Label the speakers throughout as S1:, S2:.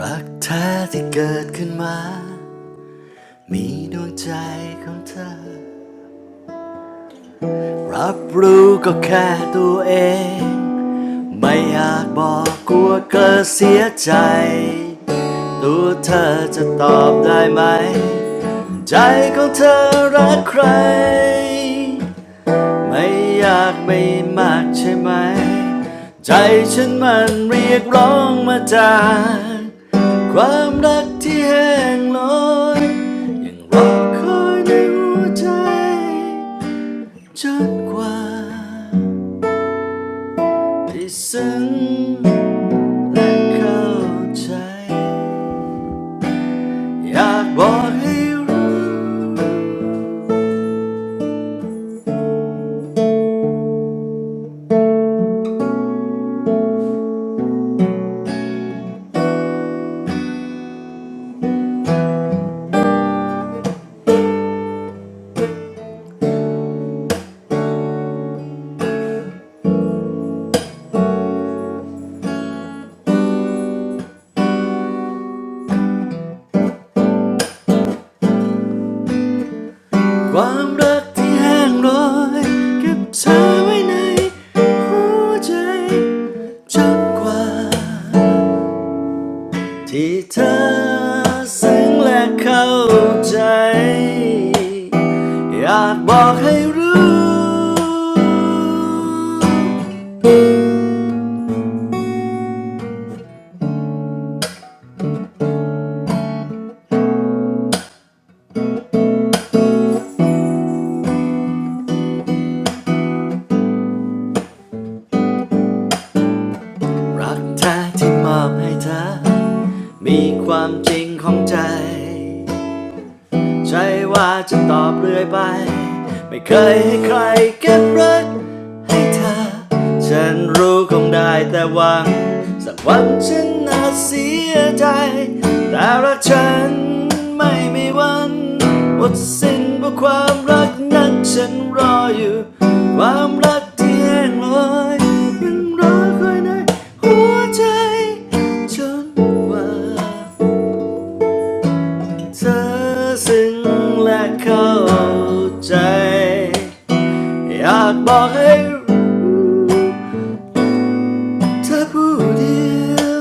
S1: รักแท้ที่เกิดขึ้นมา มีดวงใจของเธอ รับรู้ก็แค่ตัวเอง ไม่อยากบอกกลัวเกิดเสียใจตัวเธอจะตอบได้ไหม ใจของเธอรักใคร ไม่อยากไปมากใช่ไหมใจฉันมันเรียกร้องมาจากความรักที่แห้งลอยยังรอคอยในหัวใจจนกว่าไี่ซึ้งและเข้าใจอยากบอกให้รู้ ความรักที่แห้งโรอยเก็บเธอไว้ในหัวใจจนกว่าที่เธอซึ้งและเข้าใจอยากบอกให้รู้รักแท้ที่มอบให้เธอมีความจริงของใจ ใช่ว่าจะตอบเรื่อยไปไม่เคยให้ใครเก็บรักให้เธอฉันรู้คงได้แต่หวังสักวันฉันอาจเสียใจแต่รักฉันไม่มีวันหมดสิ้นเพราะความรักนั้นฉันรออยู่ความรักที่แห้งลอยยังรอคอยในหัวใจจนกว่า เธอซึ้งและเข้าใจอยากบอกให้รู้เธอผู้เดียว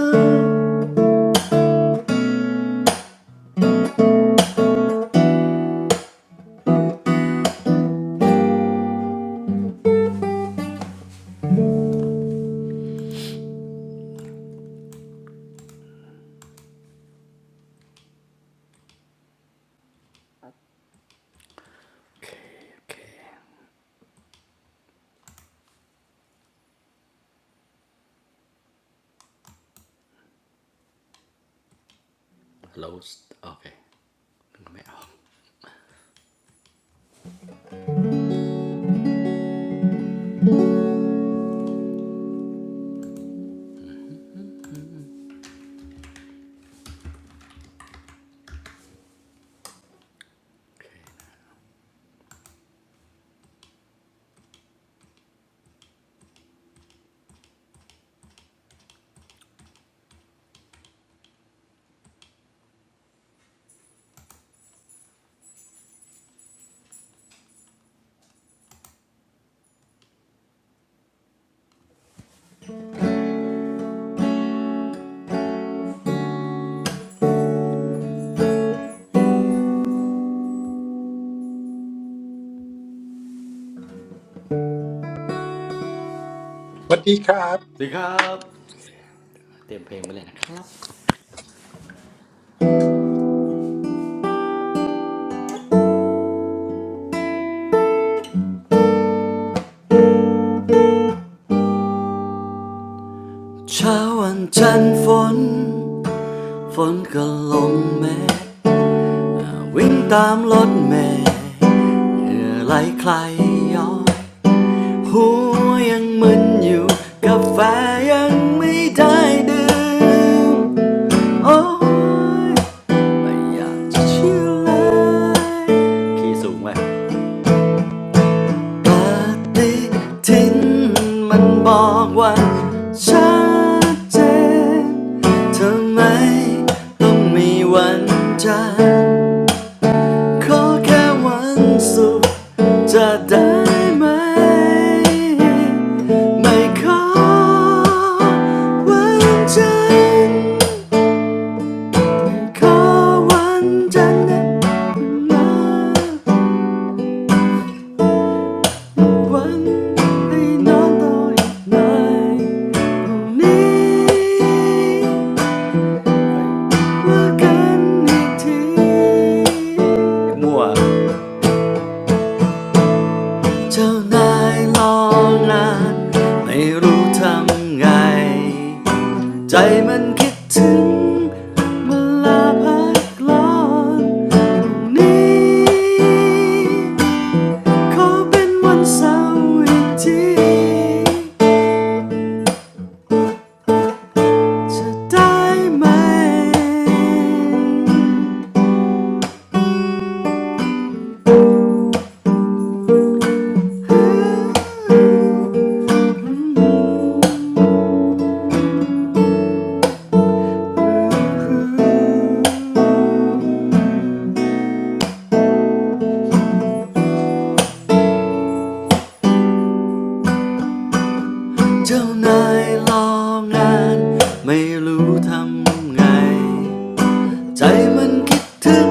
S1: โอเคโอเราโอเคไม่ออกโอเค
S2: สวัสดีครับ
S1: สวัสดีครับเตรียมเพลงไว้เลยนะครับเช้าวันจันทร์ฝนฝนก็ลงแม่วิ่งตามรถแม่เหงื่อไหลคลายย้อย หัวยังมึนอยู่กาแฟยังไม่ได้ดื่ม โอ้ย ไม่อยากจะเชื่อเลยขียสูงไปปฏิทินมันบอกว่าชัดเจนทำไมต้องมีวันจันทร์ ขอแค่วันสุขจะได้ไหมไม่ขอวันจันทร์ขอวันจันทร์นะมาวันให้นอนต่ออีกหน่อยพรุ่งนี้ว่ากันอีกทีมั่ว เจ้านายรอนานไม่รู้ทำไงใจมันคิดถึงเวลาพักร้อนอยู่างนี้ขอเป็นวันเสาร์อีกทีจะได้ไหมอ เจ้านายรองานไม่รู้ทำไงใจมันคิดถึง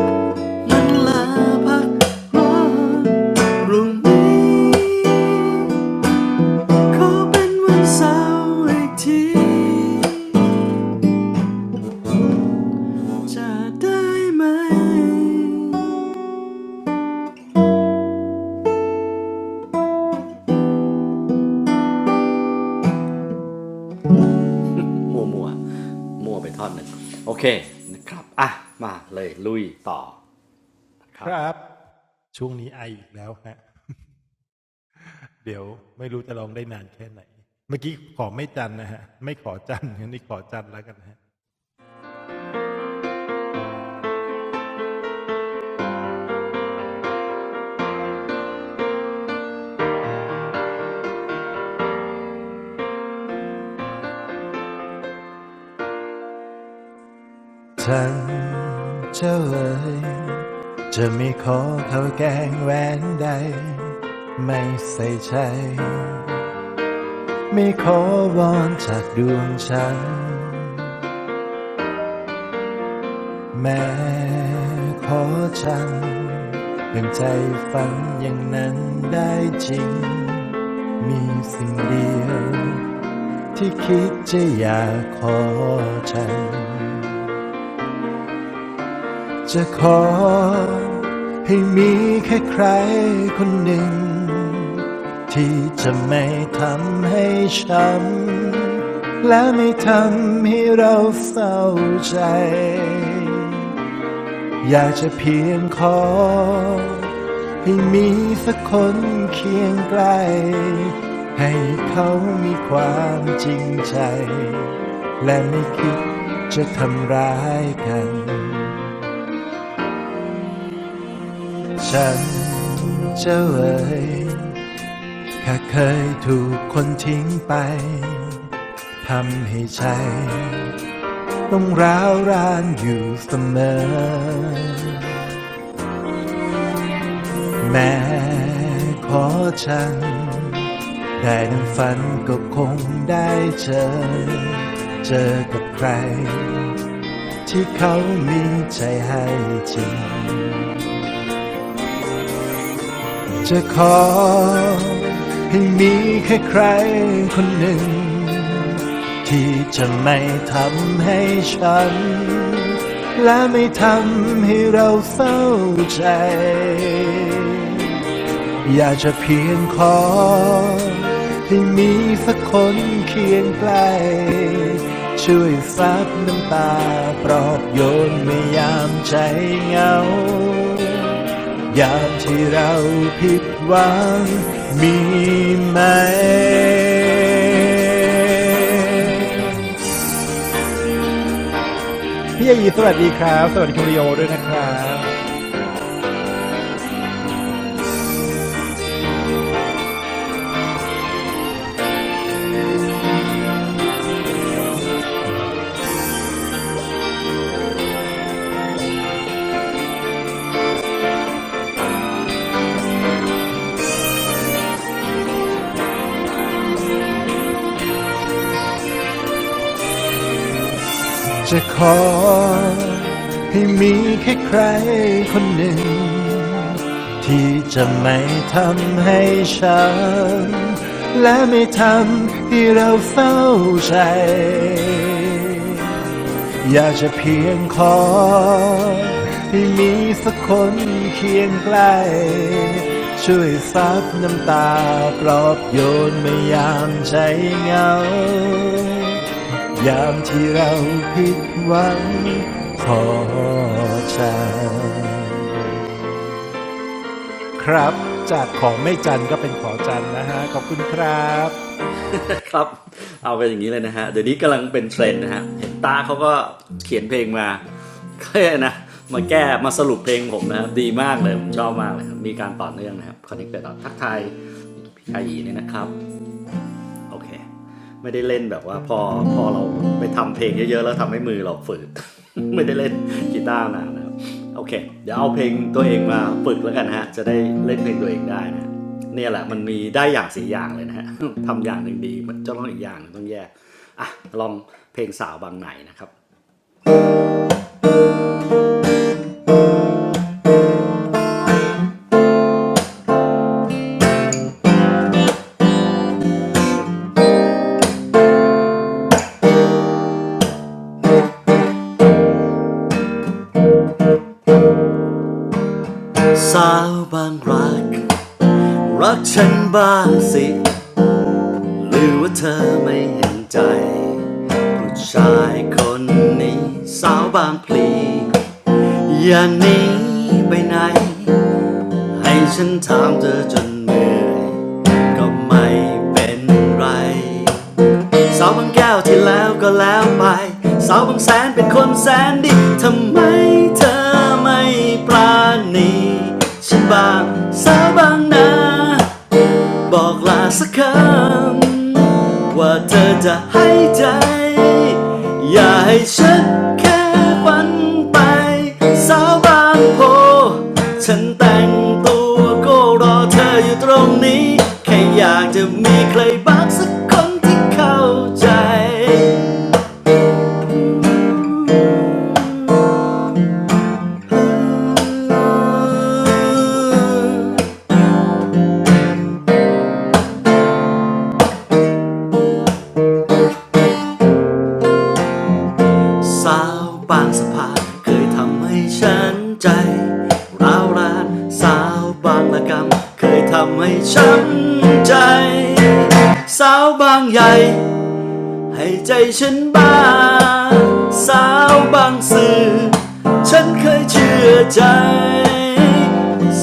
S1: มันลาพักร้อนพรุ่งนี้ขอเป็นวันเสาร์อีกทีจะได้ไหมมัวมัวมัวไปท่อนหนึ่งโอเคนะครับอ่ะมาเลยลุยต่อนะ
S2: ค
S1: ครับ
S2: รับช่วงนี้ไออีกแล้วฮะเดี๋ยวไม่รู้จะลองได้นานแค่ไหนเมื่อกี้ขอไม่จันทร์นะฮะไม่ขอจันทร์งั้นนี่ขอจันทร์แล้วกันฮะเจ้าเอ๋ยจะไม่ขอเขาวแกงแหวนใดไม่ใส่ใจไม่ขอวอนจากดวงฉันแม้ขอฉันเป็นใจฝันอย่างนั้นได้จริงมีสิ่งเดียว ที่คิดจะอยากขอฉันจะขอให้มีแค่ใครคนหนึ่งที่จะไม่ทำให้ช้ำและไม่ทำให้เราเศร้าใจ อยากจะเพียงขอให้มีสักคนเคียงใกล้ให้เขามีความจริงใจและไม่คิดจะทำร้ายกันฉันจะเอ่ยแค่เคยถูกคนทิ้งไปทำให้ใจต้องร้าวรานอยู่เสมอแม้ขอฉัน แต่ดังฝันก็คงได้เจอ เจอกับใครที่เขามีใจให้จริง จะขอให้มีแค่ใครคนหนึ่งที่จะไม่ทำให้ฉันและไม่ทำให้เราเศร้าใจ อยากจะเพียงขอให้มีสักคนเคียงใกล้ช่วยซับน้ำตาปลอบโยนไม่ยามใจเหงายามที่เราผิดหวังมีไหมพี่อายีสวัสดีครับสวัสดีคุณริโอด้วยนะครับจะขอให้มีแค่ใครคนหนึ่ง ที่จะไม่ทำให้ช้ำและไม่ทำให้เราเฝ้าใจอยากจะเพียงขอให้มีสักคนเคียงใกล้ช่วยซับน้ำตาปลอบโยนเมื่อยามใจเหงายามที่เราผิดหวังขอจาก ครับจากของไม่จันก็เป็นขอจันนะฮะขอบคุณครับ
S1: ครับเอาไปนอย่างนี้เลยนะฮะ เดี๋ยวนี้กำลังเป็นเทรนด์นะฮะ เห็นตาเขาก็เขียนเพลงมาแค่นะ มาแก้มาสรุปเพลงผมนะครับ ดีมากเลย ผมชอบมากเลยครับมีการต่อเนื่องนะครับคอนเนคเตอร์ทักทายพี่อายีเนี่ยนะครับ โอเคไม่ได้เล่นแบบว่าพอพอเราไปทำเพลงเยอะๆแล้วทำให้มือเราฝืด ไม่ได้เล่นกีตาร์นานนะครับโอเคเดี๋ยวเอาเพลงตัวเองมาฝึกแล้วกันฮะจะได้เล่นเพลงตัวเองได้นะเนี่ยแหละมันมีได้อย่างสี่อย่างเลยนะฮะ ทำอย่างหนึ่งดีมันจะต้องอีกอย่างนึงต้องแยกอ่ะลองเพลงสาวบางไหนนะครับสาวบางรักรักฉันบ้างสิ หรือว่าเธอไม่เห็นใจผู้ชายคนนี้สาวบางพลีอย่าหนีไปไหนให้ฉันถามเธอจนเหนื่อยก็ไม่เป็นไรสาวบางแก้วที่แล้วก็แล้วไปสาวบางแสนเป็นคนแสนดีทำไมเธอไม่ปราณีฉันบ้างสาวบางนา บอกลาสักคำว่าเธอจะให้ใจอย่าให้ฉันแค่ฝันไปสาวบางโพฉันแต่งตัวก็รอเธออยู่ตรงนี้แค่อยากจะมีใครบ้างสักคนที่เข้าใจ สาวบางสะพานเคยทำให้ฉันใจร้าวรานสาวบางละกำเคยทำให้ช้ำใจสาวบางใหญ่ให้ใจฉันบ้าสาวบางสื่อฉันเคยเชื่อใจ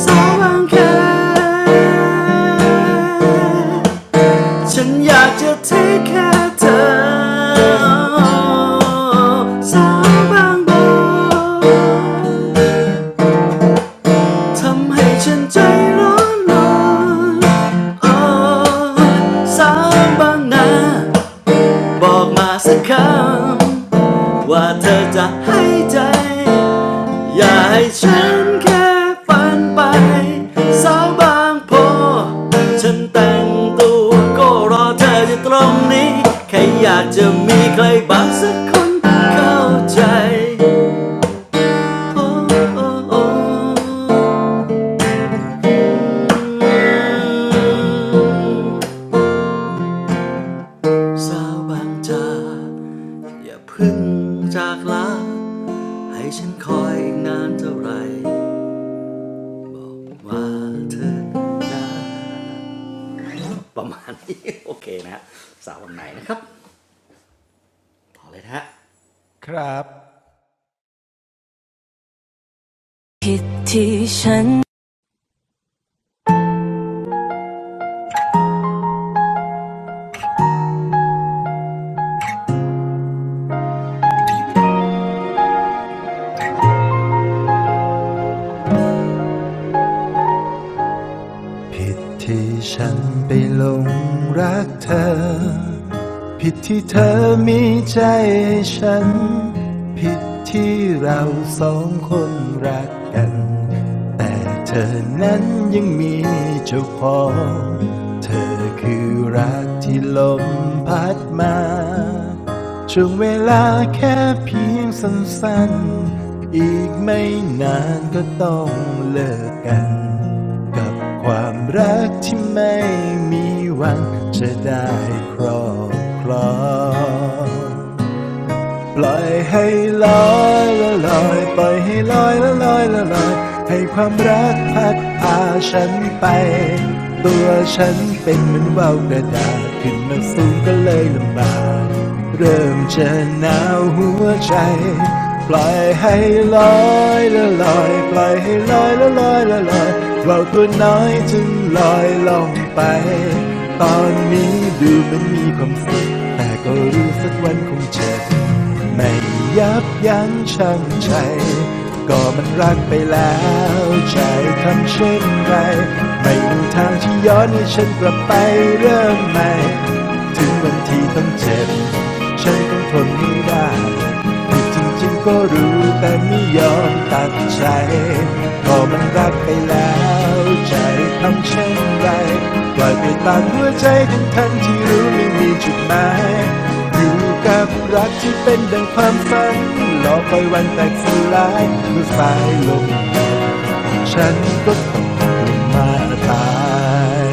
S1: สาวบางแค ฉันอยากจะเทคแค่เธอสาวบางโบอนทำให้ฉันใจร้อนรอนอ่อนสาวบางนาบอกมาสักคำ ว่าเธอจะให้ใจ อย่าให้ฉันแค่ฝันไปสาวบางโพฉันแต่งตัวก็รอเธออยู่ตรงนี้แค่อยากจะมีใครบางสักคนเข้าใจโอ้โอ้โอ้สาวบางจาก อย่าเพึ่งจากลาให้ฉันคอยอีกนานเท่าไหร่ ว่าเธอประมาณนี้โอเคนะฮะสาววันไหนนะครับต่อเลยนะฮะ
S2: ครับผิดที่ฉัน ผิดที่ฉันไปหลงรักเธอผิดที่เธอมีใจให้ฉันผิดที่เราสองคนรักกันแต่เธอนั้นยังมีเจ้าของเธอคือรักที่ลมพัดมาช่วงเวลาแค่เพียงสั้นๆอีกไม่นานก็ต้องเลิกกัน กับความรักที่ไม่มีหวังจะได้ครอบครอง ปล่อยให้ลอยละลอยปล่อยให้ลอยละลอยละลอยให้ความรักพัดพาฉันไปตัวฉันเป็นเหมือนว่าวกระดาษขึ้นมาสูงก็เลยลำบากเริ่มจะหนาวหัวใจปล่อยให้ลอยละลอยปล่อยให้ลอยละลอยละลอยว่าวตัวน้อยจึงลอยลงไปตอนนี้ดูเหมันมีความสุขแต่ก็รู้สักวันคงเจ็บ ไม่ยับยั้งชั่งใจก็มันรักไปแล้วใจทำเช่นไรไม่มีทางที่ย้อนให้ฉันกลับไปเริ่มใหม่ถึงวันที่ต้องเจ็บฉันต้องทนให้ได้ ผิดจริงๆก็รู้แต่ไม่ยอมตัดใจก็มันรักไปแล้วใจทำเช่นไรปล่อยไปตามหัวใจทั้งทันที่รู้ไม่มีจุดหมายอยู่กับรักที่เป็นดังความฝันรอคอยวันแตกสลายเมื่อฝ่ายลงฉันก็ตองกลบมาตาย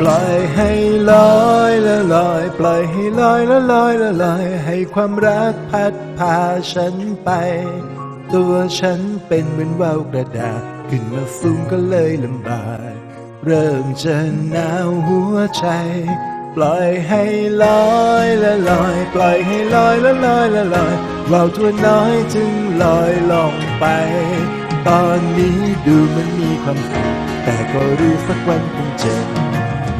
S2: ปล่อยให้ลอยละลอยปล่อยให้ลอยละลอยละลอยให้ความรักพัดพาฉันไป ตัวฉันเป็นเหมือนว่าวกระดาษขึ้นมาฟุ้งก็เลยลำบากเริ่มจะหนาวหัวใจปล่อยให้ลอยละลอยปล่อยให้ลอยละลอยละลอยว่าวตัวน้อยจึงลอยลงไป ตอนนี้ดูเหมันมีความสุขแต่ก็รู้สักวันคงเจ็บ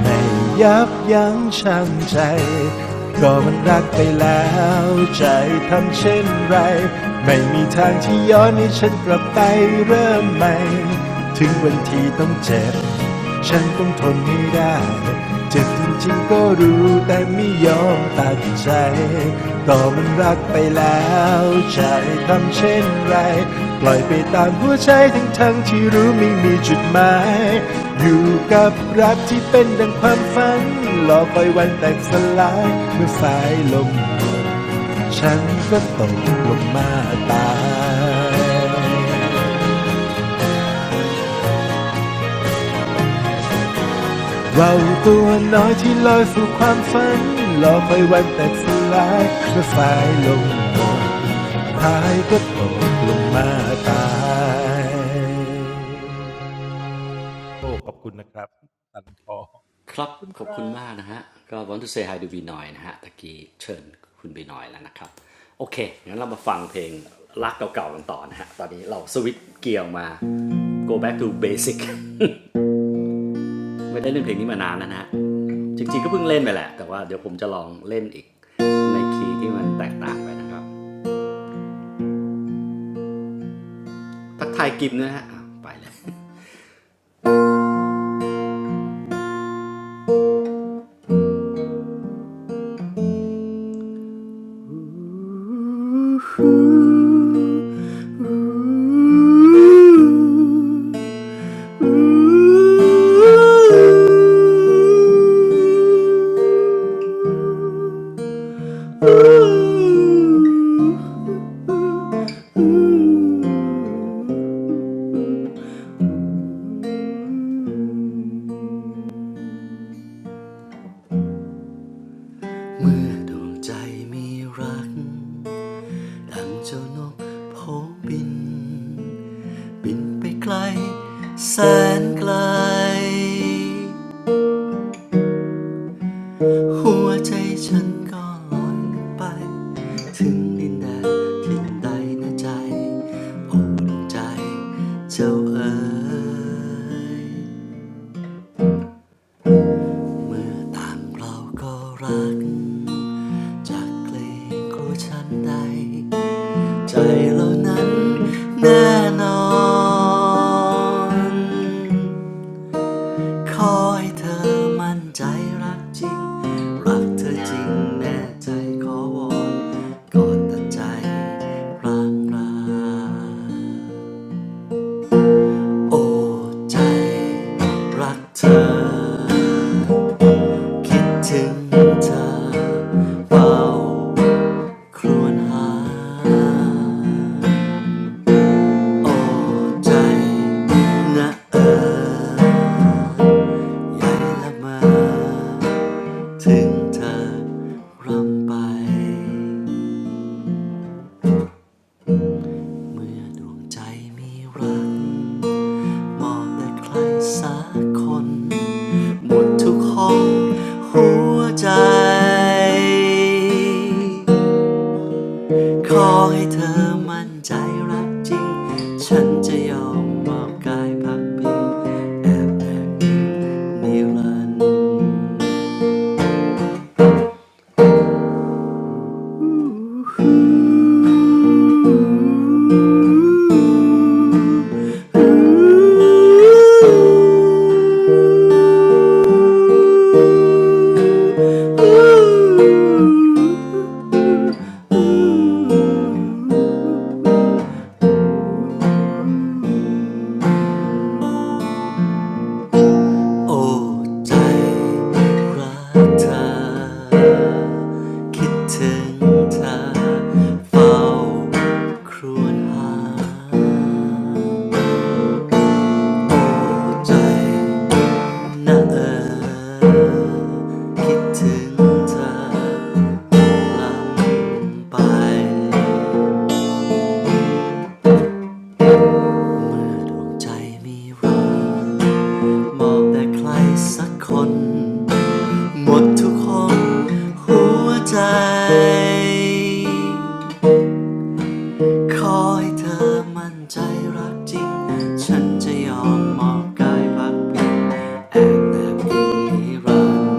S2: ไม่ยับยั้งชั่งใจก็มันรักไปแล้วใจทำเช่นไรไม่มีทางที่ย้อนให้ฉันกลับไปเริ่มใหม่ถึงวันที่ต้องเจ็บฉันต้องทนไม่ได้เจ็บ จริงๆก็รู้แต่ไม่ยอมตัดใจก็มันรักไปแล้วใจทำเช่นไรปล่อยไปตามหัวใจทั้งทั้งที่รู้ไม่มีจุดหมายอยู่กับรักที่เป็นดังความฝันรอคอยวันแตกสลายเมื่อสายลมฉันก็ตกลงมาตายเราวตัวน้อยที่ลอยสู่ความฝันรอคอยวันแตกสลายเมื่อสายลม ตายก็ตกลงมาตายโอ้ขอบคุณนะครับ
S1: ครับขอบคุณมากนะฮะก็ want to say hi to บีนอยนะฮะตะกี้เชิญคุณบีหนอยแล้วนะครับโอเคงั้นเรามาฟังเพลงรักเก่าๆกันต่อนะฮะตอนนี้เราสวิตช์เกียร์มา go back to basic ไม่ได้เล่นเพลงนี้มานานแล้วนะฮะจริงๆก็เพิ่งเล่นไปแหละแต่ว่าเดี๋ยวผมจะลองเล่นอีกในคีย์ที่มันแตกต่างไปนะครับทักทายกิมนะฮะไปเลย เมื่อดวงใจมีรักดังเจ้านกโผบินบินไปไกลแสนไกล หัวใจฉันก็ลอยไปถึงดินแดนที่ไ้หน้าใจโอ้ดวงใจเจ้าเอ๋ยเมื่อต่างเราก็รักจากเกรงกลัวฉันใดใจเรานั้นแน่นอน ขอให้เธอมั่นใจรักจริง รักเธอจริงแน่ใจขอวอนกอดแต่ใจพลางลางโอ้ใจรักเธอคิดถึงเธอเฝ้าครวญหา โอ้ใจนะเออ ใหญ่ละมาถึงเธอร่ำไปเมื่อดวงใจมีรักมองแต่ใครสักคนหมดทุกห้องหัวใจขอให้เธอมั่นใจรักจริงฉันจะยอมมอบกายพักพิงแอบแอบนิรันดร์ โอ้ใจรักเธอคิดถึงเธอเฝ้าครวญหาโอ้ใจนะเออคิดถึงเธอลำไปเมื่อดวงใจมีรัก มอบแต่ใครสักคนหมดทุกห้องหัวใจ ขอให้เธอมั่นใจรักจริง ฉันจะยอมมอบกายพักพิงแอบแนบยิงนิรันด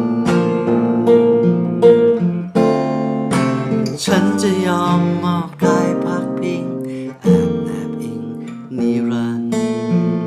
S1: ร์ฉันจะยอมมอบกายพักพิงแอบแนบอิงนิรันดร์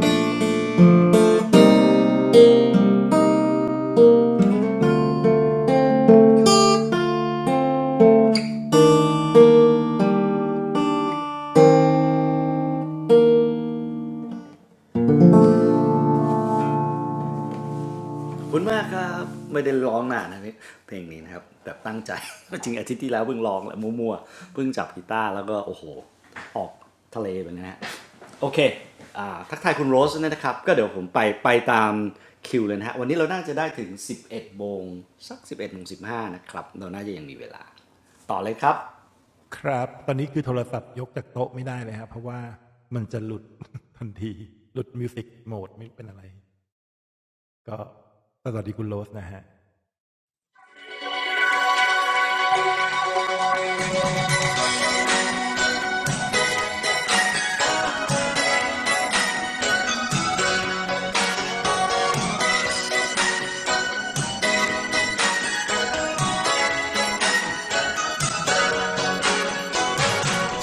S1: ขอบคุณมากครับไม่ได้ร้องนานนะเนี่เพลงนี้นะครับแบบตั้งใจจริงอาทิตย์ที่แล้วเพิ่งร้องแหละมั่วๆเพิ่งจับกีตาร์แล้วก็โอ้โหออกทะเลไปนะฮะโอเคอ่าทักทายคุณโรสนะครับก็เดี๋ยวผมไปไปตามคิวเลยนะฮะวันนี้เราน่าจะได้ถึง11โมงสัก11โมงสิบห้5นะครับเราน่าจะยังมีเวลาต่อเลยครับ
S2: ครับตอนนี้คือโทรศัพท์ยกจากโต๊ะไม่ได้เลยครับเพราะว่ามันจะหลุด ทันทีหลุดมิวสิกโหมดไม่เป็นอะไรก็สวัสดีคุณโรสนะฮะ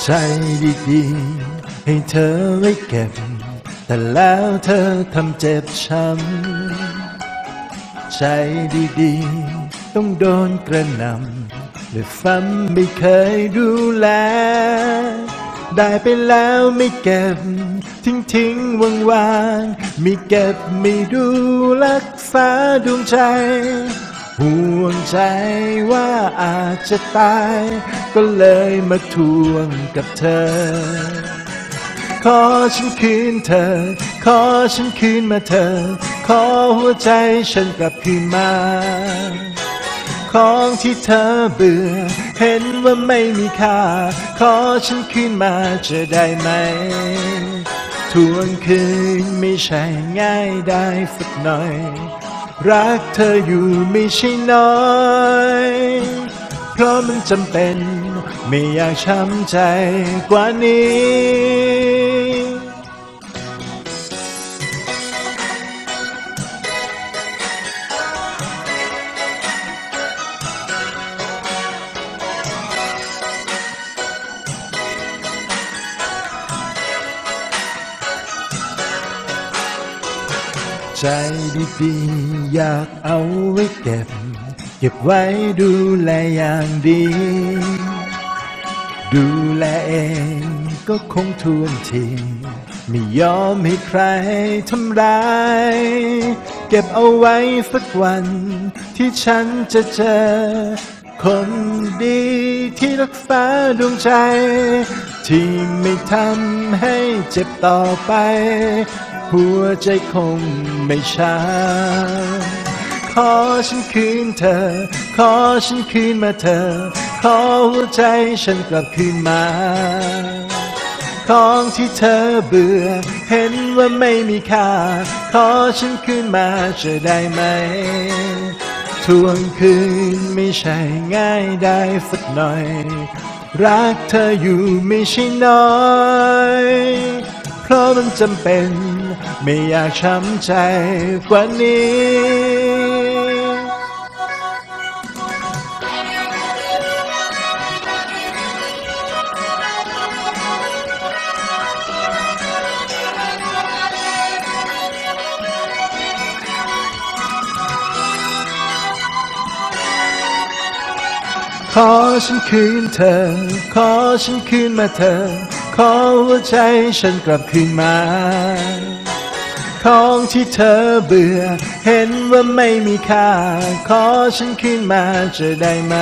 S2: ใช่ดีๆให้เธอไว้เก็บแต่แล้วเธอทำเจ็บช้ำ ใจดีๆต้องโดนกระหนำและซ้ำไม่เคยดูแลได้ไปแล้วไม่เก็บทิ้งทิ้งวางวางไม่เก็บไม่ดูรักษาดวงใจห่วงใจว่าอาจจะตายก็เลยมาทวงกับเธอ ขอฉันคืนเธอ ขอฉันคืนมาเธอ ขอหัวใจฉันกลับคืนมา ของที่เธอเบื่อเห็นว่าไม่มีค่าขอฉันคืนมาจะได้ไหมทวงคืนไม่ใช่ง่ายได้สักหน่อยรักเธออยู่ไม่ใช่น้อยเพราะมันจำเป็นไม่อยากช้ำใจกว่านี้ใจดีๆอยากเอาไว้เก็บเก็บไว้ดูแลอย่างดี ดูแลเองก็คงทวนทีไม่ยอมให้ใครทำร้ายเก็บเอาไว้สักวันที่ฉันจะเจอคนดีที่รักษาดวงใจที่ไม่ทำให้เจ็บต่อไปหัวใจคงไม่ช้า ขอฉันคืนเธอ ขอฉันคืนมาเธอ ขอหัวใจฉันกลับคืนมา ของที่เธอเบื่อเห็นว่าไม่มีค่าขอฉันคืนมาจะได้ไหมทวงคืนไม่ใช่ง่ายได้สักหน่อยรักเธออยู่ไม่ใช่น้อยเพราะมันจำเป็นไม่อยากช้ำใจกว่านี้ ขอฉันคืนเธอ ขอฉันคืนมาเธอขอหัวใจฉันกลับคืนมาของที่เธอเบื่อเห็นว่าไม่มีค่า ขอฉันคืนมาจะได้ไหม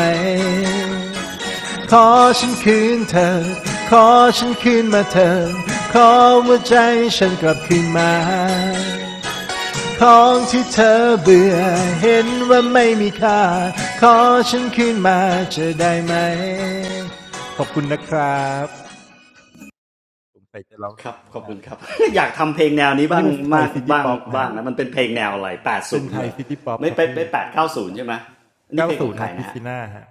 S2: ขอฉันคืนเธอขอฉันคืนมาเธอขอหัวใจฉันกลับคืนมา ของที่เธอเบื่อเห็นว่าไม่มีค่าขอฉันคืนมาจะได้ไหมขอบคุณนะครับผมใส่จะร้องได้
S1: ครั
S2: อี
S1: บ
S2: กไม่
S1: ขอบคุ
S2: นา
S1: ณ
S2: น
S1: ครับ อยากทำเพลงแนวนี้
S2: อัน
S1: บ้า
S2: นี้
S1: ง
S2: เป็นไทย
S1: มาก
S2: ซิตี้
S1: บ้าง
S2: ป๊อป
S1: บ้า
S2: ฮะ
S1: งนะมันเป็นเพลงแนวอะไร
S2: เป็นไท
S1: 80เหร
S2: ย
S1: อ
S2: ซิตี้ป๊อป
S1: ไม่
S2: ครับ
S1: ไปไป
S2: พี่
S1: แปดเก้าศูนย์ใช่ไหมนี่เพลงของ
S2: 90
S1: ใคร
S2: ฮะคริส
S1: นะฮะ
S2: ติน่าฮะ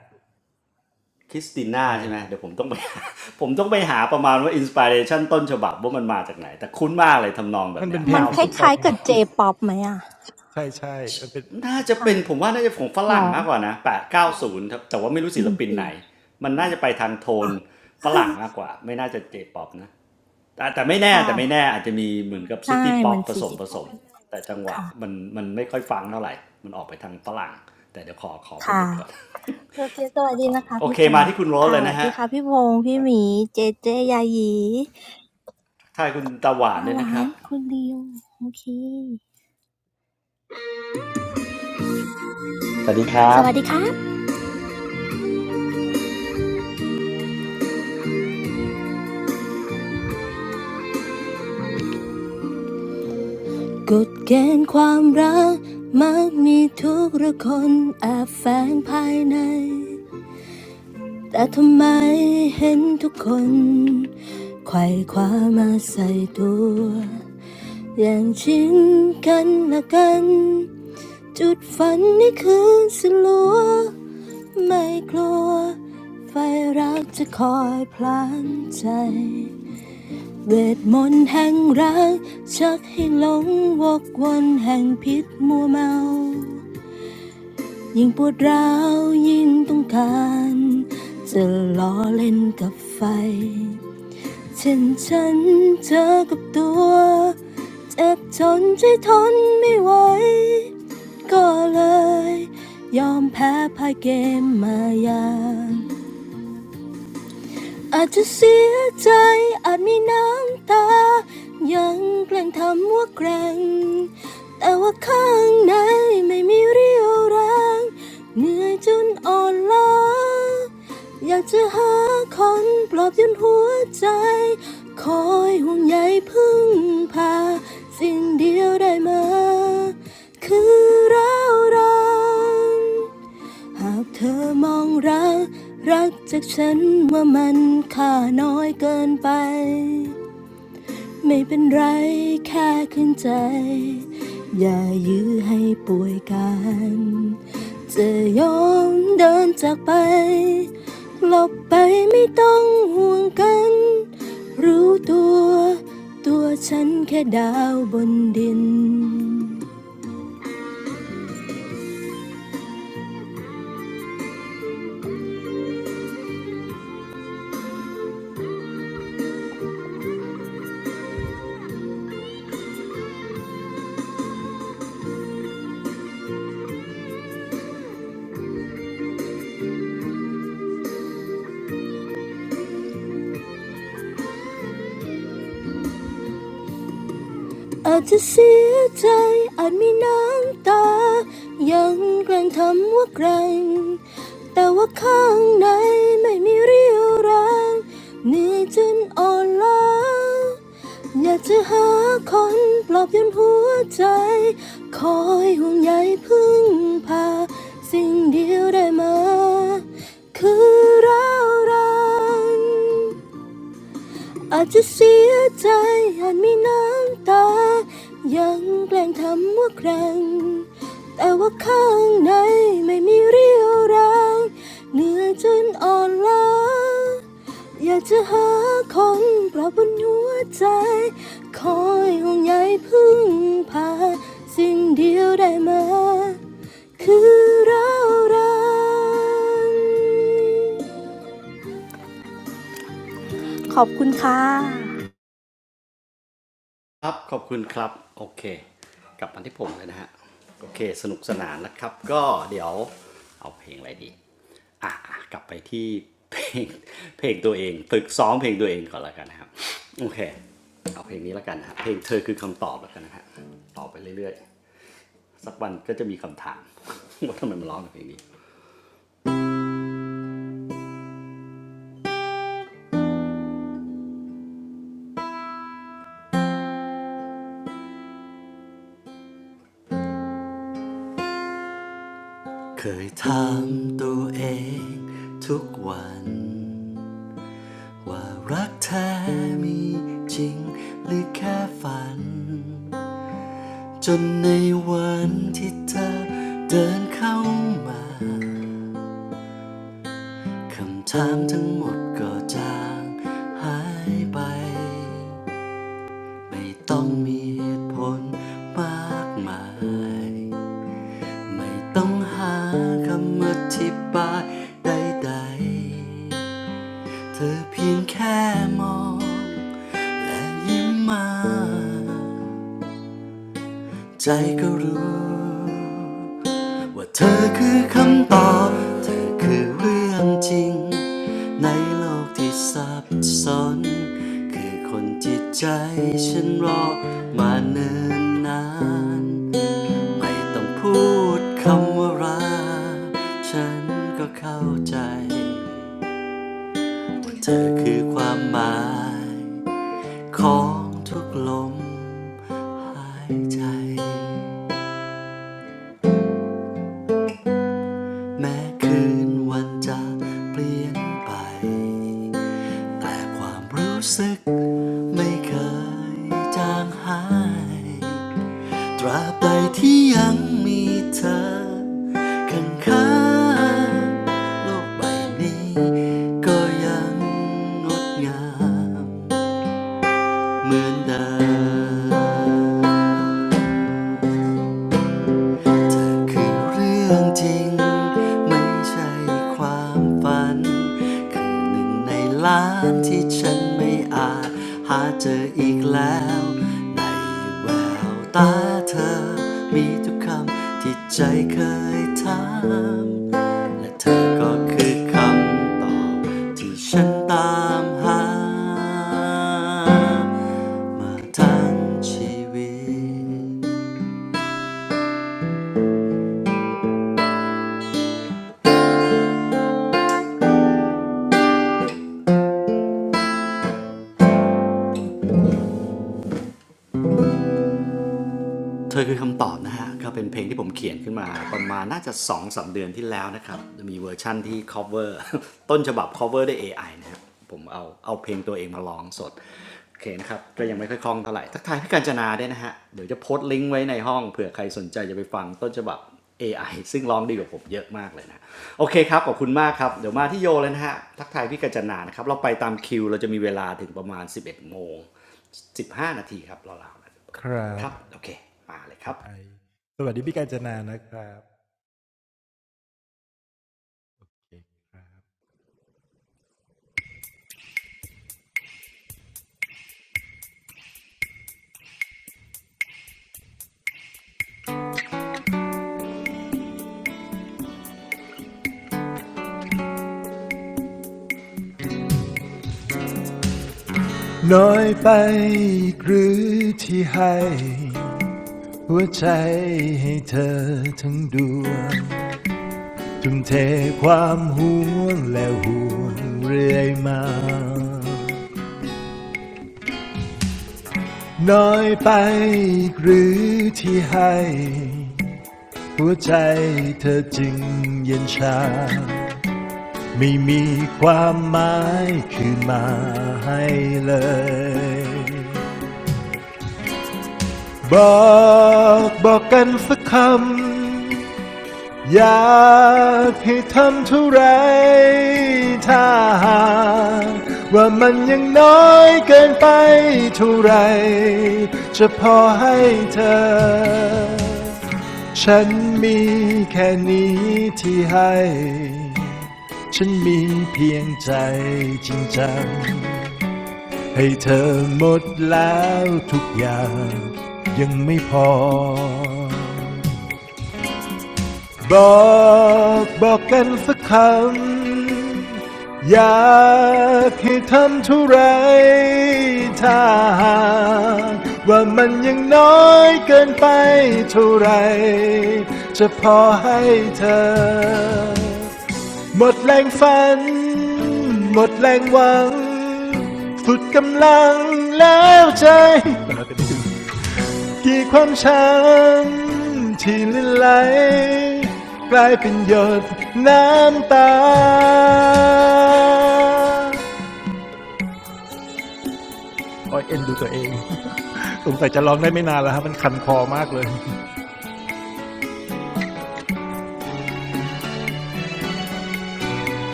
S1: คริสติน่า
S2: ใช่
S1: ใช่ไหม
S2: ฮะ
S1: เดี๋ยวผมต้องไป ผมต้องไปหาประมาณว่าอินสปิเรชันต้นฉบับว่ามันมาจากไหนแต่คุ้นมากเลยทำนองแบ
S2: มั
S1: บ
S2: น
S1: เนี้
S2: เป็
S1: ย
S2: นเพล
S3: มั
S2: ง
S3: นค
S2: ซิ
S3: ล
S2: ตี้
S1: 90
S2: ป๊
S3: ้า
S2: อป
S3: ย
S1: เนี่ย
S3: ๆ
S2: ไง
S3: กับ J-pop ไหมอ่ะ
S2: ใช่ใช่มันเป็น
S1: น่าจะ
S3: ค่ะ
S1: เป็นผมว่าน่าจะของฝ
S3: หร
S1: รั่ง
S3: อ
S1: มากกว่านะแ8 90ครับแต่ว่าไม่รู้ศิ
S3: ด
S1: ล
S3: น
S1: ปิน
S3: ตรี
S1: ไหนมันน่าจะไปทางโทน
S3: อ่ะ
S1: ฝ รั่งมากกว่าไม่น่าจะเจป๊อปนะแต่แต่ไม่แน่
S3: ค่ะ
S1: แต่ไม่แน่อาจจะมีเหมือนกับซิ
S3: ใช่
S1: ตี้ป๊อ
S3: มั
S1: ป
S3: น
S1: ผ
S3: ซี
S1: สม
S3: จิ
S1: ผ
S3: ป
S1: ส
S3: อป
S1: มแต่จังหวะ
S3: ค่ะ
S1: มันมันไม่ค่อยฟังเท่าไหร่มันออกไปทางฝรั่งแต่เดี๋ยวขอขอเป็น
S3: ค่ะ
S1: ดิกก่อน
S3: โอเคสวัสดี
S1: ขอ
S3: นะ
S1: เป็นดิ
S3: คะ
S1: กโอ
S3: พี่
S1: เค
S3: พง
S1: มา
S3: ษ์
S1: ที่คุณโรส
S3: ค่ะ
S1: เล
S3: ส
S1: ย
S3: วั
S1: นะ
S3: สดี
S1: ฮะ
S3: ค่ะพี่พงษ์
S1: ค
S3: พี่
S1: รั
S3: ห
S1: บ
S3: มี เจเจยายี
S1: ทายคุณตาหวาน
S3: ตา
S1: เนี่
S3: ห
S1: ยนะ
S3: วา
S1: ครั
S3: น
S1: บ
S3: คุณริวโอเคสวั
S4: สวัสดีครับ
S3: สดีครับกฎเกณฑ์ความรักมักมีทุกรคนแอบแฝงภายใน แต่ทำไมเห็นทุกคนไขว่คว้ามาใส่ตัวอย่างชินกันละกันจุดฝันนี่คืนสลัวไม่กลัวไฟรักจะคอยพลานใจเวทมนต์แห่งรักชักให้หลงวกวนแห่งพิษมัวเมา ยิ่งปวดร้าวยิ่งต้องการจะล้อเล่นกับไฟเช่นฉันเจอกับตัวเจ็บทนใจทนไม่ไหวก็เลยยอมแพ้พายเกมมายาง อาจจะเสียใจอาจมีน้ำตายังแกล้งทำว่าแกร่งแต่ว่าข้างในไม่มีเรี่ยวแรงเหนื่อยจนอ่อนล้าอยากจะหาคนปลอบโยนหัวใจคอยห่วงใยพึ่งพาสิ่งเดียวได้มาคือเราวรัง หากเธอมองรักรักจากฉันว่ามันค่าน้อยเกินไปไม่เป็นไรแค่ขึ้นใจอย่ายื้อให้ป่วยกันจะยอมเดินจากไปหลบไปไม่ต้องห่วงกันรู้ตัวตัวฉันแค่ดาวบนดิน อาจจะเสียใจอาจมีน้ำตา ยังแกลั้งทำว่าแกร่งแต่ว่าข้างในไม่มีเรี่ยวแรงเหนื่อยจนอ่อนล้าอยากจะหาคนปลอบโยนหัวใจ คอยห่วงใยพึ่งพา สิ่งเดียวได้มาคือเรารัก อาจจะเสียใจอาจมีน้ำตายังแกล้งทำว่าแกร่งแต่ว่าข้างในไม่มีเรี่ยวแรงเหนื่อยจนอ่อนล้าอยากจะหาคนปลอบบนหัวใจคอยห่วงใยพึ่งพาสิ่งเดียวได้มาคือเรารักขอบคุณค่ะ
S1: ครับขอบคุณครับโอเคกลับมาที่ผมเลยนะฮะโอเคสนุกสนานนะครับก็เดี๋ยวเอาเพลงอะไรดีอ่ะกลับไปที่เพลงเพลงตัวเองฝึกซ้อมเพลงตัวเองก่อนแล้วกันนะครับโอเคเอาเพลงนี้แล้วกันนะเพลงเธอคือคำตอบแล้วกันนะฮะตอบไปเรื่อยๆสักวันก็จะมีคำถาม ว่าทำไมมาร้องเพลงนี้เคยถามตัวเองทุกวัน ว่ารักแท้มีจริงหรือแค่ฝันจนในวันที่เธอเดินเข้ามาคำถามทั้งหมดก็จางหายไปไม่ต้องมีเหตุผลมากมายไม่ต้องหาคำอธิบายใดๆ เธอเพียงแค่มองและยิ้มมาใจก็รู้ว่าเธอคือคำตอบเธอคือเรื่องจริงในโลกที่ซับซ้อนคือคนจิตใจฉันรอมาเนิ่นนานไม่ต้องพูดคำว่ารักฉันก็เข้าใจว่าเธอคือความหมาย ของทุกลมหายใจแม้คืนวันจะเปลี่ยนไปแต่ความรู้สึกไม่เคยจางหายตราบใดที่ยังมีเธอข้างงๆโลกใบนี้ก็ยังงดงามเหมือนเดิม เธอคือเรื่องจริงไม่ใช่ความฝันคือหนึ่งในล้านที่ฉันไม่อาจหาเจออีกแล้วในแววตาเธอมีทุกคำที่ใจเคยถามและเธอก็คือคำตอบที่ฉันตามหามาทั้งชีวิต เธอคือคำตอบนะฮะก็เป็นเพลงที่ผมเขียนขึ้นมาประมาณน่าจะ2องถึงสามเดือนที่แล้วนะครับมีเวอร์ชั่นที่ cover ต้นฉบับ cover ด้วย AI นะครับผมเอาเอาเพลงตัวเองมาร้องสดโอเคนะครับก็ยังไม่ค่อยคล่องเท่าไหร่ทักทายพี่กาญจนาด้วยนะฮะเดี๋ยวจะโพสต์ลิงก์ไว้ในห้องเผื่อใครสนใจจะไปฟังต้นฉบับ AI ซึ่งร้องดีกว่าผมเยอะมากเลยนะโอเคครับขอบคุณมากครับเดี๋ยวมาที่โยเลยนะฮะทักทายพี่กาญจนานะครับเราไปตามคิวเราจะมีเวลาถึงประมาณสิบเอ็ดโมงสิบห้านาทีครับราวๆ
S2: ครั
S1: ค
S2: บ
S1: รับโอเคมาเลยครั
S2: จะ
S1: บ
S2: ไอสวัสดีพี่กาญจนานะครับน้อยไปอีกหรือที่ให้ หัวใจให้เธอทั้งดวงจุมเทความห่วงและห่วงเรื่อยมาน้อยไปหรือที่ให้หัวใจเธอจึงเย็นชาไม่มีความหมายคือมาให้เลยบอกบอกกันสักคำ อยากให้ทำเท่าไรถ้าหากว่ามันยังน้อยเกินไปเท่าไรจะพอให้เธอฉันมีแค่นี้ที่ให้ฉันมีเพียงใจจริงจังให้เธอหมดแล้วทุกอย่างยังไม่พอ บอกบอกกันสักคำอยากให้ทำเท่าไรถ้าหากว่ามันยังน้อยเกินไปเท่าไรจะพอให้เธอหมดแรงฝันหมดแรงหวังสุดกำลังแล้วใจ กี่ความช้ำที่ลินไหลกลายเป็นหยดน้ำตาโอ้ยเอ็นดูตัวเองสงสัยจะร้องได้ไม่นานแล้วฮะมันคันคอมากเลย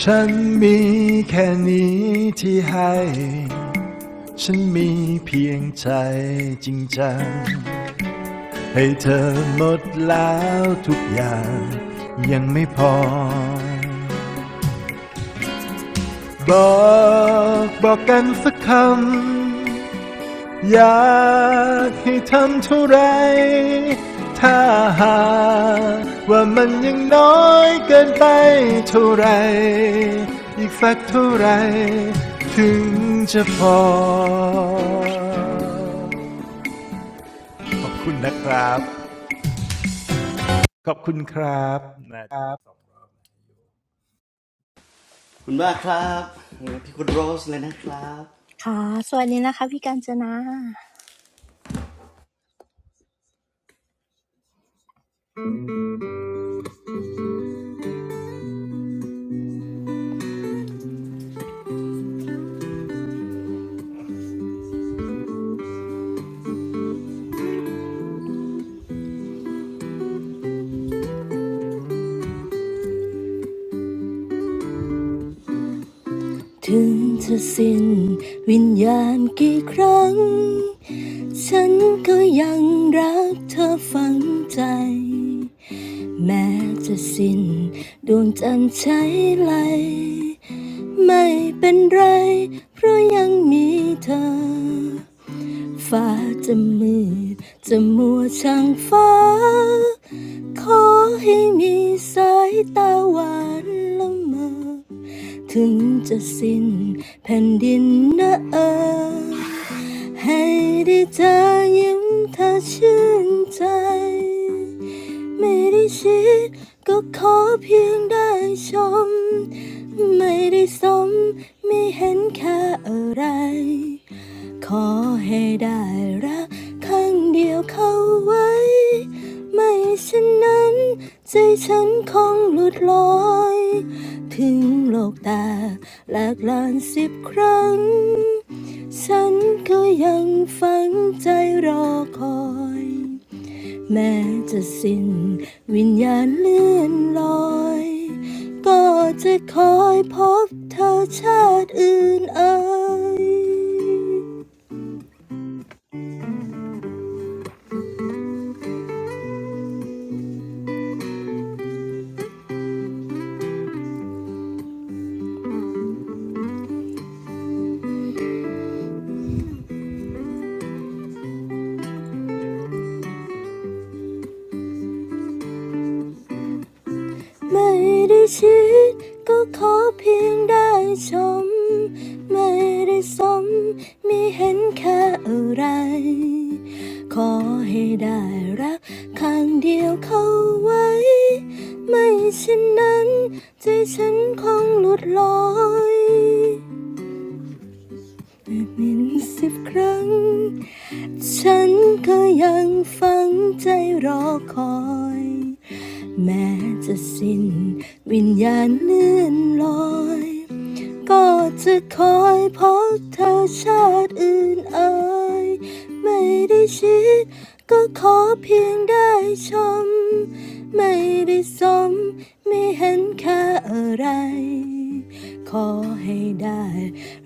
S2: ฉันมีแค่นี้ที่ให้ ฉันมีเพียงใจจริงจังให้เธอหมดแล้วทุกอย่างยังไม่พอ บอกบอกกันสักคำอยากให้ทำเท่าไรถ้าหากว่ามันยังน้อยเกินไปเท่าไรอีกสักเท่าไรถึงจะพอขอบคุณนะครับขอบคุณครับนะครับ
S1: ขอบคุณมากครับพี่คุณโรสเลยนะครับ
S3: ค่ะสวัสดีนะคะพี่กาญจนา ถึงจะสิ้นวิญญาณกี่ครั้งฉันก็ยังรักเธอฝังใจแม้จะสิ้นดวงจันทร์ใช้ไหลไม่เป็นไรเพราะยังมีเธอฟ้าจะมืดจะมัวช่างฟ้าขอให้มีสายตาหวานละเมอ ถึงจะสิ้นแผ่นดินนะเออให้ได้เธอยิ้มเธอชื่นใจไม่ได้ชิดก็ขอเพียงได้ชมไม่ได้สมไม่เห็นค่าอะไร ขอให้ได้รักครั้งเดียวเข้าไว้ไม่เช่นนั้นใจฉันคงหลุดลอยถึงโลกตาหลากหลานสิบครั้งฉันก็ยังฝังใจรอคอยแม้จะสิ้นวิญญาณเลื่อนลอยก็จะคอยพบเธอชาติอื่นเอ่ย ไม่ได้ชิดก็ขอเพียงได้ชมไม่ได้สมไมีเห็นแค่าอะไรขอให้ได้รักข้างเดียวเข้าไว้ไม่เช่นนั้นใจฉันคงหลุดลอยไปเป็นสิบครั้ง ฉันก็ยังฝังใจรอคอยแม้จะสิ้นวิญญาณเลื่อนลอยก็จะคอยพบเธอชาติอื่นเอ่ยไม่ได้ชิดก็ขอเพียงได้ชมไม่ได้สมไม่เห็นค่าอะไรขอให้ได้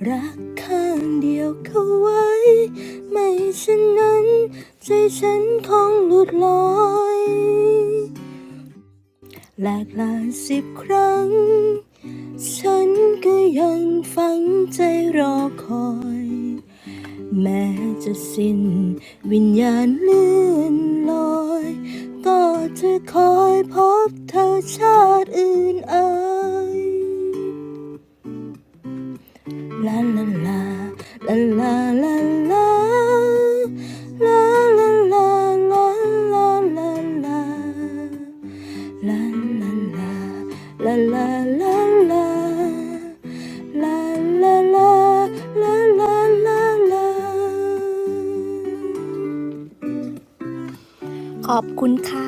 S3: รักข้างเดียวเขาไว้ ไม่เช่นนั้นใจฉันคงหลุดลอยหลากหลายสิบครั้งฉันก็ยังฝังใจรอคอยแม้จะสิ้นวิญญาณเลื่อนลอยก็จะคอยพบเธอชาติอื่นเอ่ย ขอบคุณค่ะ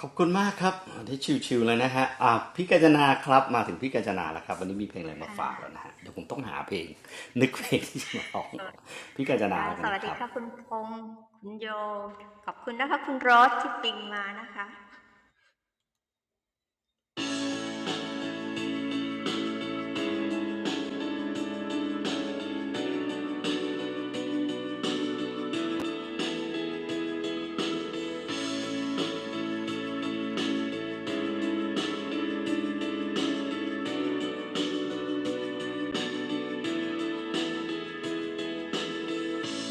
S1: ขอบคุณมากครับที่ชิวๆเลยนะฮะอ่ะพี่กาญจนาครับมาถึงพี่กาญจนาแล้วครับวันนี้มีเพลงอะไรมาฝากแล้วนะฮะเดี๋ยวผมต้องหาเพลงนึกเพลงที่จะมาร้องพี่กาญจนาแล้วกันนะครับ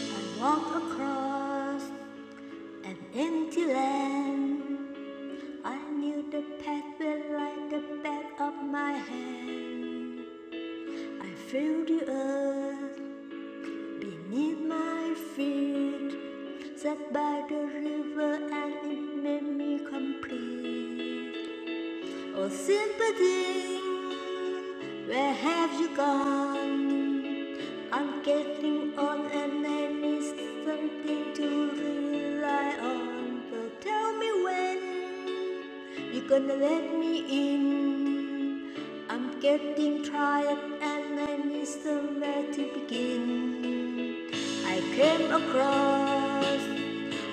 S5: I walk across an empty land. I knew the path will light the back of my hand. I feel the earth beneath my feet, set by the river, and it made me complete. Oh, sympathy, where have you gone? I'm getting on and I need something to rely on. So tell me when you're gonna let me in. I'm getting tired and I need somewhere to begin. I came across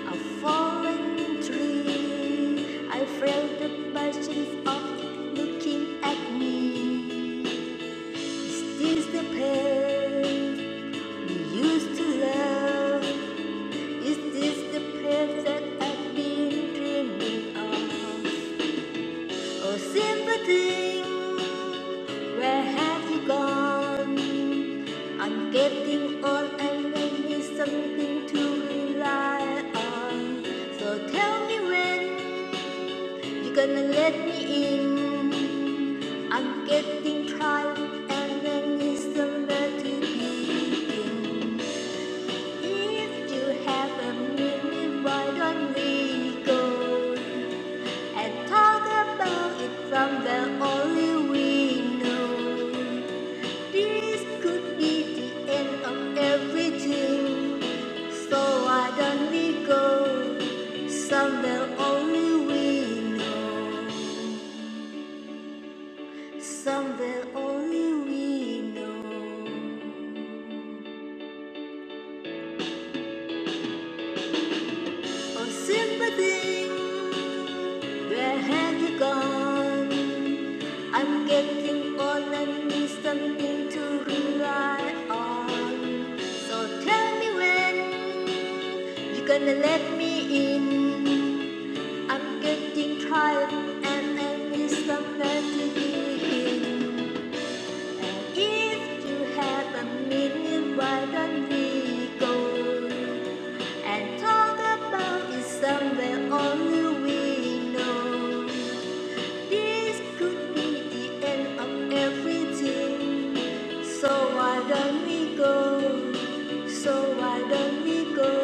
S5: a fallen tree. I felt the persons of looking at me. Is this the path we used to love? Is this the path that I've been dreaming of? Oh, sympathy, where have you gone? I'm getting old and I need something to rely on. So tell me when. You're gonna let me in. I'm getting tired, and then it's the let to begin. If you have a minute, why don't we go and talk about it from the only we know? This could be the end of everything. So why don't we go somewhere only we know? Somewhere only we know. Oh, sympathy, where have you gone? I'm getting old and need something to rely on. So tell me when you're gonna let me in. I'm getting tired and I need somewhere to be in. If you have a meeting, why don't we go and talk about it somewhere only we know? This could be the end of everything. So why don't we go? So why don't we go?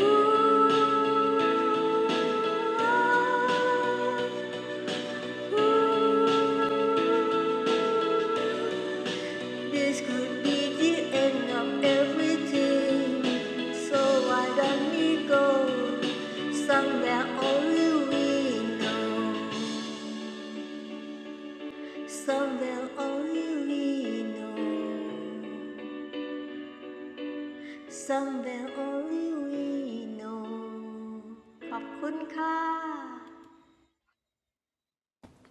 S5: Ooh, ah, ooh. This could be the end of everything. So why don't we go somewhere only we know? Somewhere only we know. Somewhere only we know. ขอบคุณค่ะ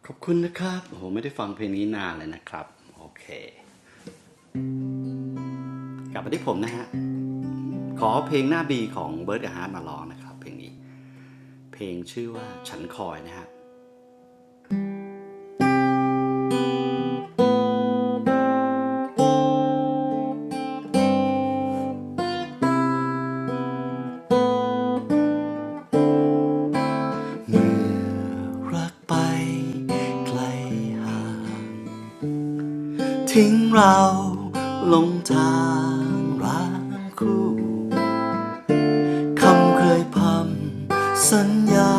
S1: ขอบคุณนะครับโอ้โหไม่ได้ฟังเพลงนี้นานเลยนะครับโอเคกลับมาที่ผมนะฮะขอเพลงหน้าบีของเบิร์ดฮาร์ดมาร้องนะครับเพลงนี้เพลงชื่อว่าฉันคอยนะฮะรักไปไกลห่าง ทิ้งเราลงทางร้างคู่คำเคยพำสัญญา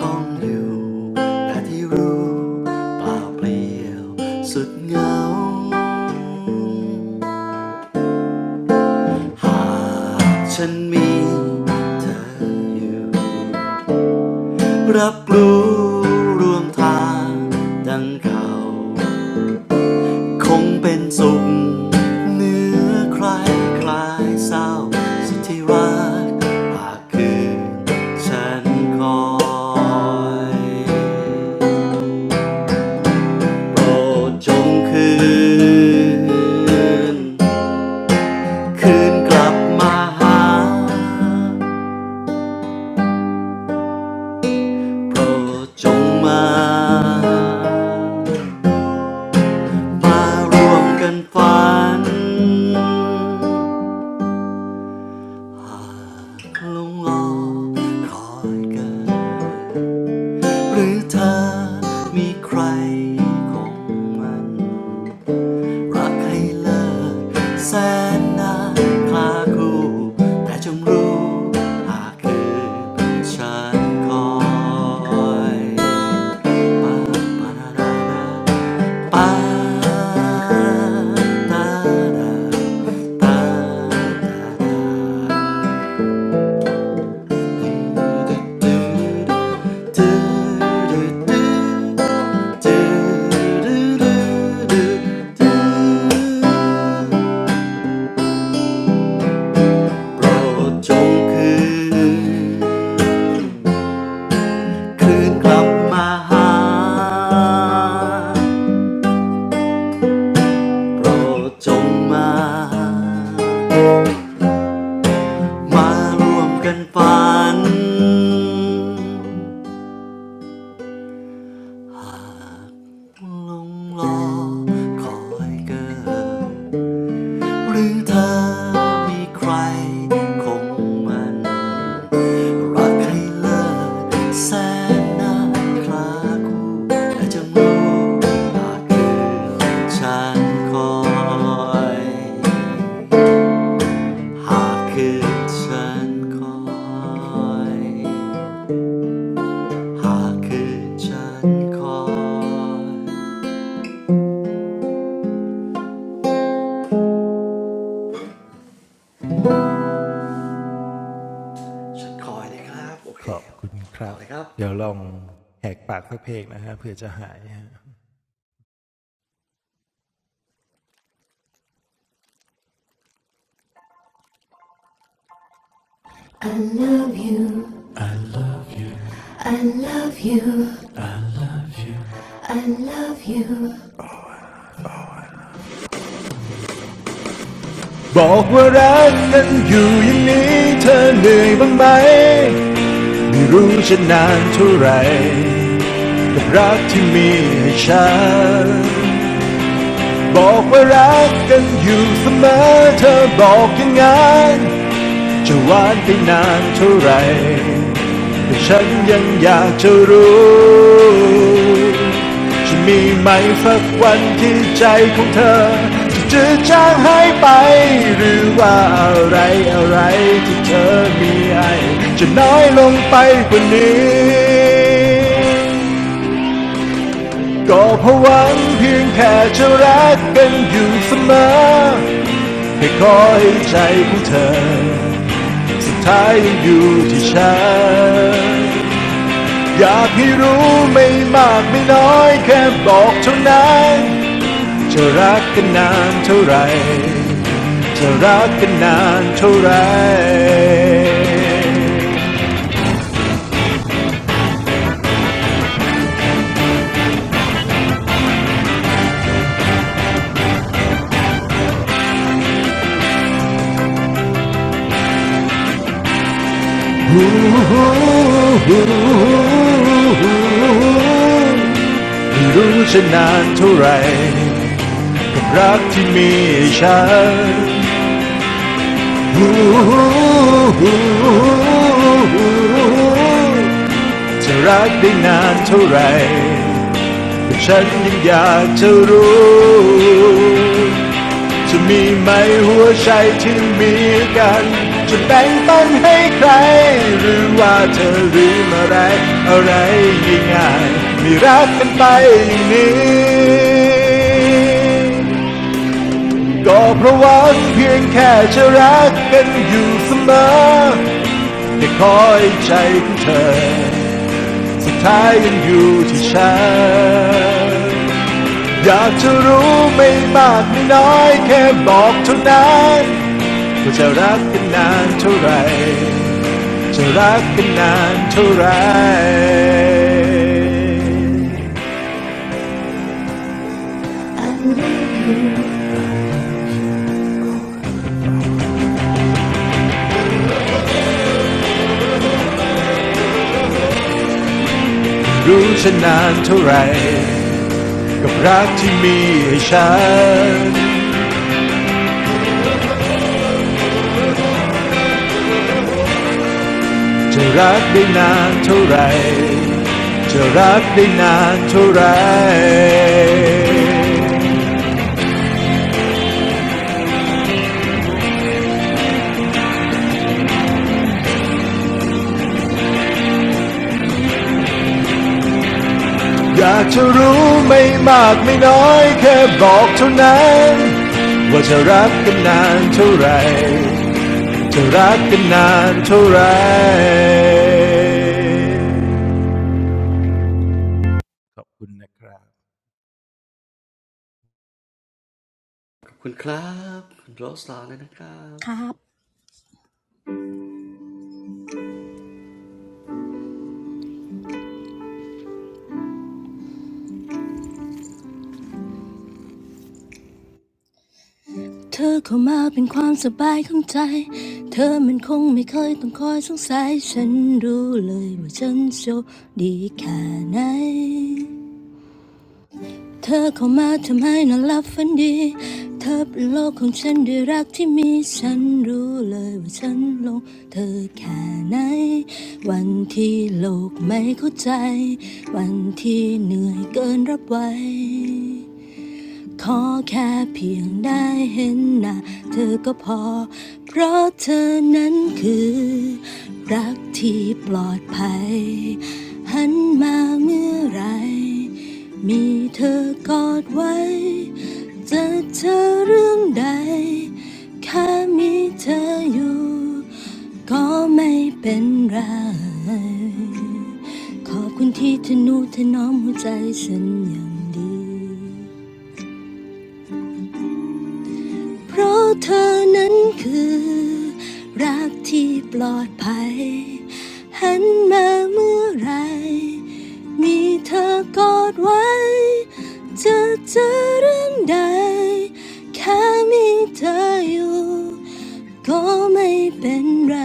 S1: กองอยู่แต่ที่รู้เปล่าเปลี่ยวสุดเหงาหากฉันมีเธออยู่รับรู้รวมทางดังเก่า คงเป็นสุขเหนือใครใครเศร้าสุดที่รักหากคืนฉันคอยโปรดจงคืนคืนกลับมาหาโปรดจงมามาร่วมกันฝัน หากลงรอคอยกันหรือเธอมีใครของมันรักให้เลิกแสนนานคลาคู่แต่จงรู้หากคืนฉันคอยปาปานานานาปานานาตาตาตา โปรดจงคืนคืนกลับมาหาโปรดจงมามาร่วมกันฝันลงรอคอยเกิน หรือเธอมีใครคงมันรักให้เลิศแสนนานคลาคู่และจะมองหน้าคืนฉันคอยหากคืนฉันคอยหากคืนฉันคอยฉันคอยเลยครับโอเค
S2: ขอบคุณครั
S1: ต่
S2: บ
S1: อเลยครับ
S2: เดี๋ยวลองแหกปากสักเพลงนะฮะเพื่อจะหายฮะ I love you. บอกว่ารักนั้นอยู่อย่างนี้เธอเหนื่อยบ้างไหมไม่รู้จะนานเท่าไหร่กับรักที่มีให้ฉันบอกว่ารักกันอยู่เสมอเธอบอกอย่างนั้นจะหวานไปนานเท่าไหร่ แต่ฉันยังอยากจะรู้จะมีไหมสักวันที่ใจของเธอจะจืดจางหายไปหรือว่าอะไรอะไรที่เธอมีให้จะน้อยลงไปกว่านี้ก็เพราะหวังเพียงแค่จะรักกันอยู่เสมอให้คอยใจของเธอสุดท้ายอยู่ที่ฉัน อยากให้รู้ไม่มากไม่น้อยแค่บอกเท่านั้นจะรักกันนานเท่าไหรจะรักกันนานเท่าไหร่ฮู้ฮูฮูไม่รู้จะนานเท่าไหรกับรักที่มีฉันฮูฮูจะรักได้นานเท่าไหร ฉันยังอยากจะรู้จะมีไหมหัวใจที่มีกันจะแบ่งปันให้ใครหรือว่าเธอลืมอะไรอะไรง่ายๆไม่รักกันไปอย่างนี้ก็เพราะหวังเพียงแค่จะรักกันอยู่เสมอแต่คอยใจของเธอสุดท้ายยังอยู่ที่ฉัน อยากจะรู้ไม่มากไม่น้อยแค่บอกเท่านั้นว่าจะรักกันนานเท่าไรจะรักกันนานเท่าไรรู้ฉันนานเท่าไรกับรักที่มีให้ฉันจะรักได้นานเท่าไรจะรักได้นานเท่าไร อยากจะรู้ไม่มากไม่น้อยแค่บอกเท่านั้นว่าจะรักกันนานเท่าไหรจะรักกันนานเท่าไหรขอบคุณนะครับ
S1: ขอบคุณครับคุณโรสลาร์เลยนะครับ
S3: ครับ เธอเข้ามาเป็นความสบายของใจ เธอมันคงไม่เคยต้องคอยสงสัย ฉันรู้เลยว่าฉันโชคดีแค่ไหน เธอเข้ามาทำให้นอนหลับฝันดีเธอเป็นโลกของฉันด้วยรักที่มีฉันรู้เลยว่าฉันหลงเธอแค่ไหนวันที่โลกไม่เข้าใจ วันที่เหนื่อยเกินรับไหว ขอแค่เพียงได้เห็นหน้าเธอก็พอ เพราะเธอนั้นคือรักที่ปลอดภัย หันมาเมื่อไหรมีเธอกอดไว้จะเธอเรื่องใดแค่มีเธออยู่ก็ไม่เป็นไร ขอบคุณที่เธอนูเธอน้อมหัวใจฉันอย่างดี เพราะเธอนั้นคือรักที่ปลอดภัยหันมาเมื่อไหรมีเธอกอดไว้จะเจอเรื่องใดแค่มีเธออยู่ก็ไม่เป็นไร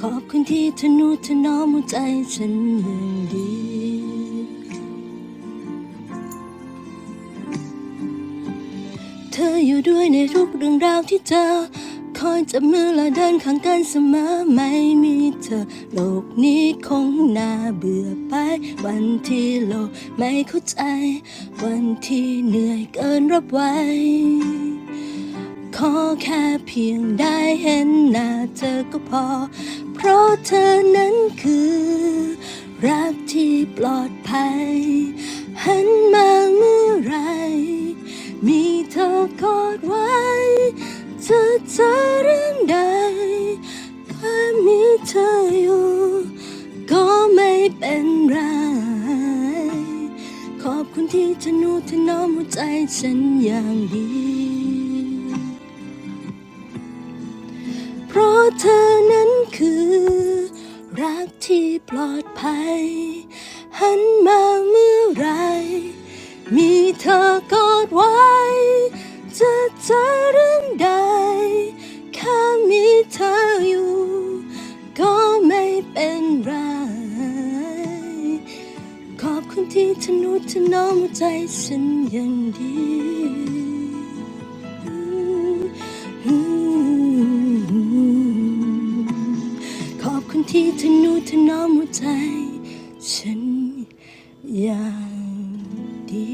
S3: ขอบคุณที่ทนุถนอมหัวใจฉันอย่างดี เธออยู่ด้วยในทุกเรื่องราวที่เจอคอยจับมือและเดินข้างกันเสมอไม่มีเธอโลกนี้คงน่าเบื่อไปวันที่โลกไม่เข้าใจวันที่เหนื่อยเกินรับไหว ขอแค่เพียงได้เห็นหน้าเธอก็พอ เพราะเธอนั้นคือรักที่ปลอดภัยหันมาเมื่อไรมีเธอกอดไว้จะเจอเรื่องใดแค่มีเธออยู่ก็ไม่เป็นไร ขอบคุณที่เธอนุถนอมหัวใจฉันอย่างดี เพราะเธอนั้นคือรักที่ปลอดภัย หันมาเมื่อไร มีเธอกอดไว้จะเจอเรื่องใดแค่มีเธออยู่ก็ไม่เป็นไร ขอบคุณที่ทนุถนอมหัวใจฉันอย่างดี อืมขอบคุณที่ทะนุถนอมหัวใจฉันอย่างดี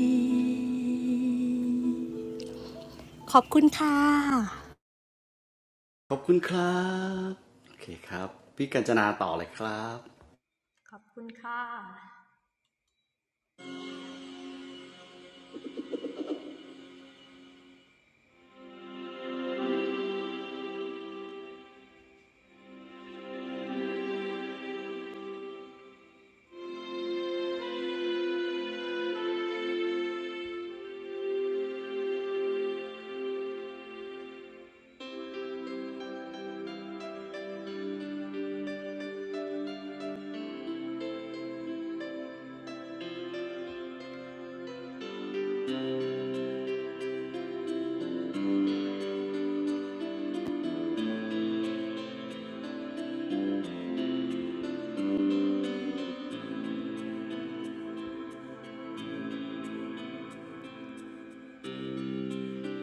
S3: ขอบคุณค่ะ
S1: ขอบคุณครับโอเคครับพี่กัญจนาต่อเลยครับ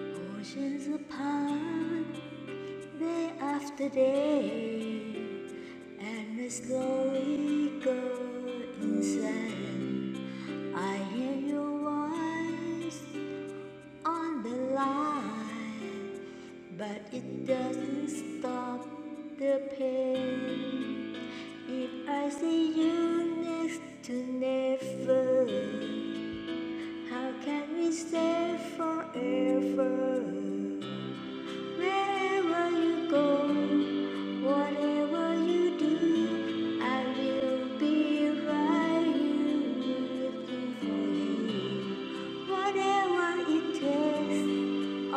S5: Oceans apart Day after day, and we slowly go inside. I hear your voice on the line, but it doesn't stop the pain. If I see you next to never, how can we stay forever? Wherever you go, whatever you do, I will be right here looking for you. Whatever it takes,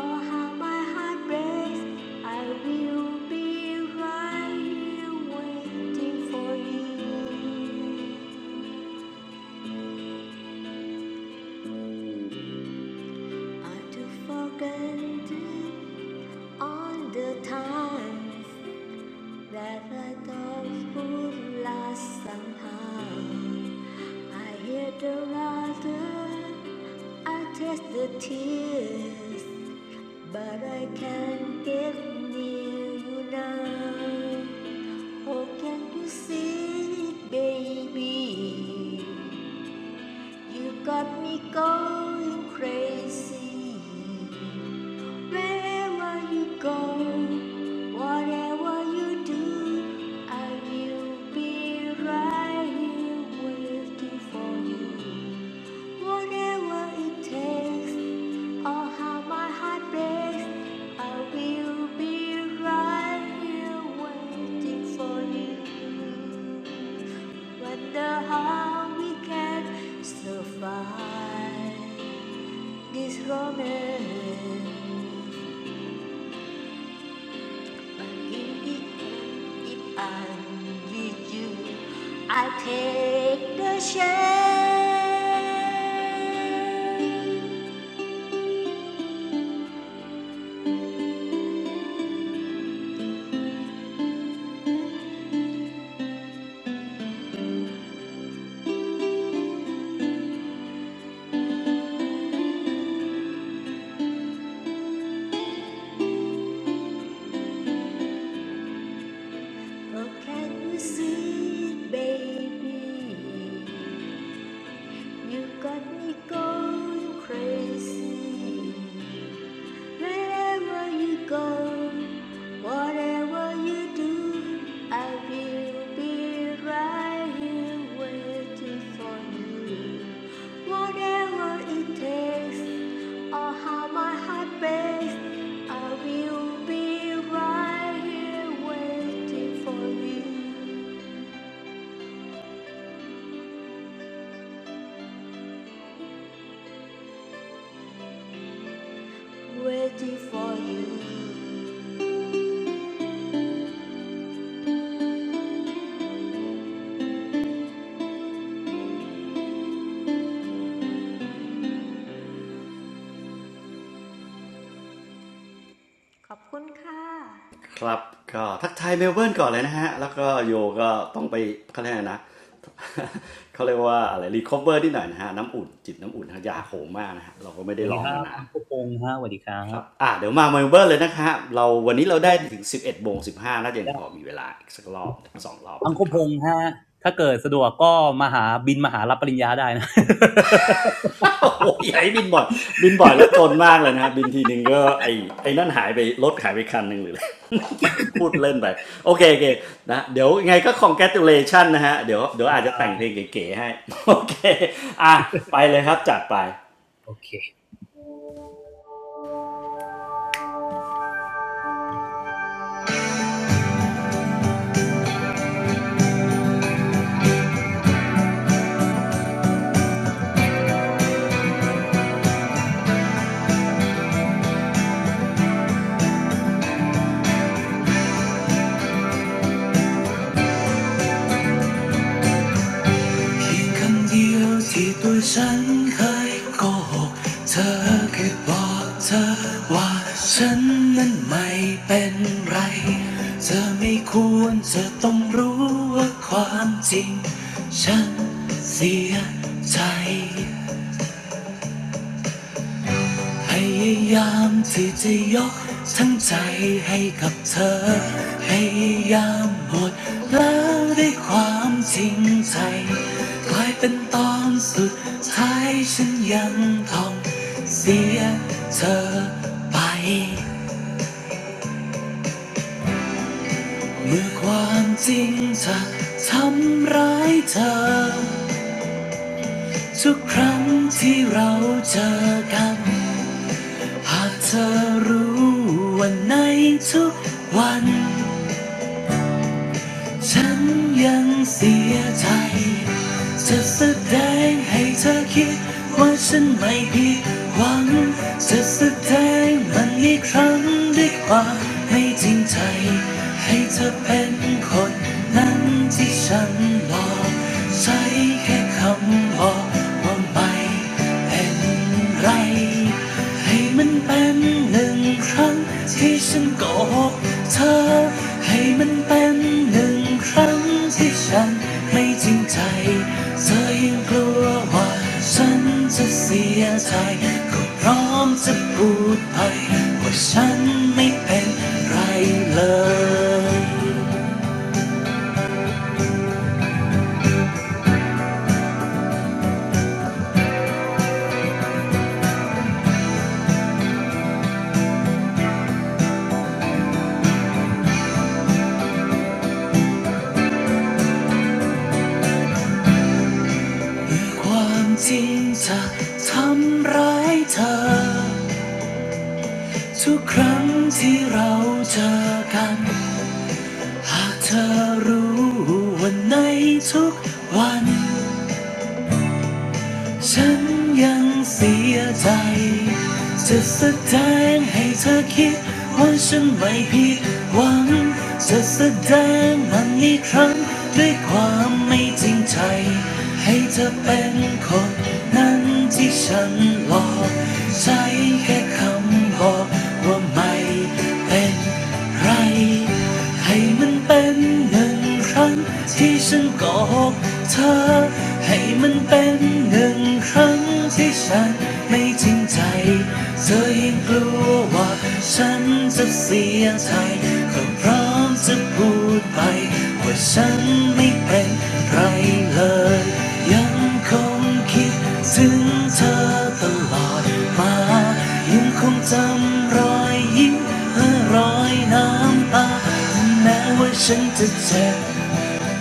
S5: or how my heart breaks, I will be right here waiting for you. I do forget all the time. That I thought would last somehow. I hear the laughter, I taste the tears, but I can't get near you now. Oh, can you see it, baby? You got me going crazy. Wherever you go, whatever you do, I will be right here waiting for you. Whatever it takes, or how my heart I will be right here waiting for you. Wonder how we can survive this romance. If I'm with you, I take the shame. Oh, can you see, baby? You got me going crazy. Wherever you go, whatever you do, I will be right here waiting for you. Whatever it takes, or how my heart beats, I will be right here waiting for you, waiting for you. ขอบคุณค่ะ
S1: ครับก็ทักทายเมลเบิร์นก่อนเลยนะฮะแล้วก็โยก็ต้องไปเขาเรียกะนะ เขาเรียกว่าอะไรรีคอเวอร์นิดหน่อยนะฮะน้ำอุ่นจิตน้ำอุ่นฮะอยากโหมมากนะฮะเราก็ไม่
S6: ส
S1: ได้
S6: วัสดี
S1: ร้อ
S6: ค
S1: ง
S6: รั
S1: มา
S6: บ
S1: นา
S6: อั
S1: น
S6: งคพงษ์ฮะสวัสดีครั
S1: ค
S6: บ
S1: รับอ่ะเดี๋ยวมาเมลเบิร์นเลยนะคะเราวันนี้เรา
S6: พี่พ
S1: ได้
S6: งษ์
S1: ถึง11โมง15น่าจะยัง
S6: ได้
S1: พอมีเวลาอีกสักรอบสองรอบ
S6: อังค
S1: นะค
S6: พ
S1: รับ
S6: งษ์ฮะถ้าเกิดสะดวกก็มาหาบินมาหารับปริญญาได้นะ
S1: โอ้โหไอ้บินบ่อยบินบ่อยแล้วจนมากเลยนะบินทีนึงก็ไอ้ไอ้นั่นหายไปรถหายไปคันหนึ่งหรือ ไปพูดเล่นไปโอเคโอเคนะเดี๋ยวยังไงก็ congratulation นะฮะเดี๋ยวเดี๋ยวอาจจะแต่งเพลงเก๋ๆให้ โอเคอ่ะไปเลยครับจัดไป
S6: โอเคเพียงคำเดียวที่ตัวฉันเคยโกหกเธอเคืบอกเธอว่าฉันนั้นไม่เป็นไรเธอไม่ควรเธอต้องรู้ว่าความจริงฉันเสียใจ พยายามที่จะยกทั้งใจให้กับเธอพยายามหมดแล้วด้วยความจริงใจกลายเป็นตอนสุดท้ายฉันยังต้องเสียเธอไปเมื่อความจริงจะทำร้ายเธอทุกครั้งที่เราเจอกันหากเธอรู้วันในทุกวัน ฉันยังเสียใจ จะแสดงให้เธอคิดว่าฉันไม่ผิดหวังจะแสดงมันอีกครั้งด้วยความไม่จริงใจให้เธอเป็นคนนั้นที่ฉันรอใช้แค่คำบอกว่าไม่เป็น ไรให้มันเป็นหนึ่งครั้งที่ฉันโกหกเธอให้มันเป็นหนึ่งครั้งที่ฉันไม่จริงใจเธอยังกลัวว่าฉันจะเสียใจก็พร้อมจะพูดไปว่าฉันไม่เป็นไรเลยเมื่อความจริงจะทำร้ายเธอทุกครั้งที่เราเจอกัน หากเธอรู้ว่าในทุกวันฉันยังเสียใจ จะแสดงให้เธอคิดว่าฉันไม่ผิดหวัง จะแสดงมันอีกครั้งด้วยความไม่จริงใจให้เธอเป็นคนนั้น ที่ฉันหลอกใช้แค่คำบอกว่าไม่เป็นไรให้มันเป็นหนึ่งครั้งที่ฉันโกหกเธอให้มันเป็นหนึ่งครั้งที่ฉันไม่จริงใจเธอยังกลัวว่าฉันจะเสียใจก็พร้อมจะพูดไป ว่าฉันไม่เป็นไรเลยยังคงคิดถึงเธอตลอดมายังคงจำรอยยิ้มและรอยน้ำตาแม้ว่าฉันจะเจ็บ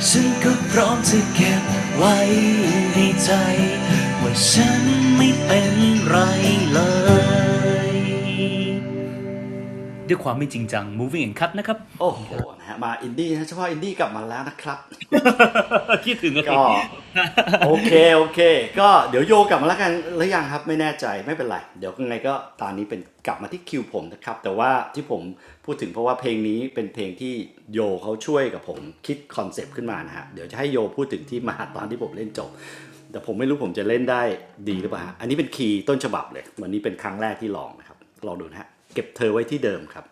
S6: ฉันก็พร้อมจะเก็บไว้ในใจว่าฉันไม่เป็นไรเลยด้วยความไม่จริงจัง moving and cut นด์คัทนะครับ ข
S1: โอ้
S6: อบคุ
S1: โห
S6: ณครับ
S1: นะฮะมาอินดี้นะเฉพาะอินดี้กลับมาแล้วนะครับ โอเค
S6: คิดถึงกันสิ
S1: ก็ โอเคโอเคก็เดี๋ยวโยกลับมาแล้วกันหรือยังครับไม่แน่ใจไม่เป็นไรเดี๋ยวยังไงก็ตอนนี้เป็นกลับมาที่คิวผมนะครับแต่ว่าที่ผมพูดถึงเพราะว่าเพลงนี้เป็นเพลงที่โยเขาช่วยกับผมคิดคอนเซปต์ขึ้นมานะฮะเดี๋ยวจะให้โยพูดถึงที่มาตอนที่ผมเล่นจบแต่ผมไม่รู้ผมจะเล่นได้ดีหรือเปล่าอันนี้เป็นคีย์ต้นฉบับเลยวันนี้เป็นครั้งแรกที่ลองนะครับลองดูนะฮะเก็บเธอไว้ที่เดิมครับ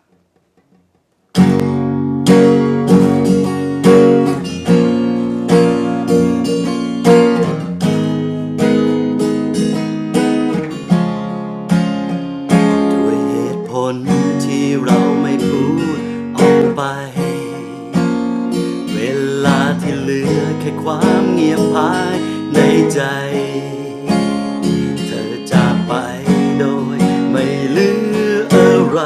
S1: ด้วยเหตุผลที่เราไม่พูดออกไป เวลาที่เหลือแค่ความเงียบภายในใจเธอจากไปโดยไม่เหลืออะไร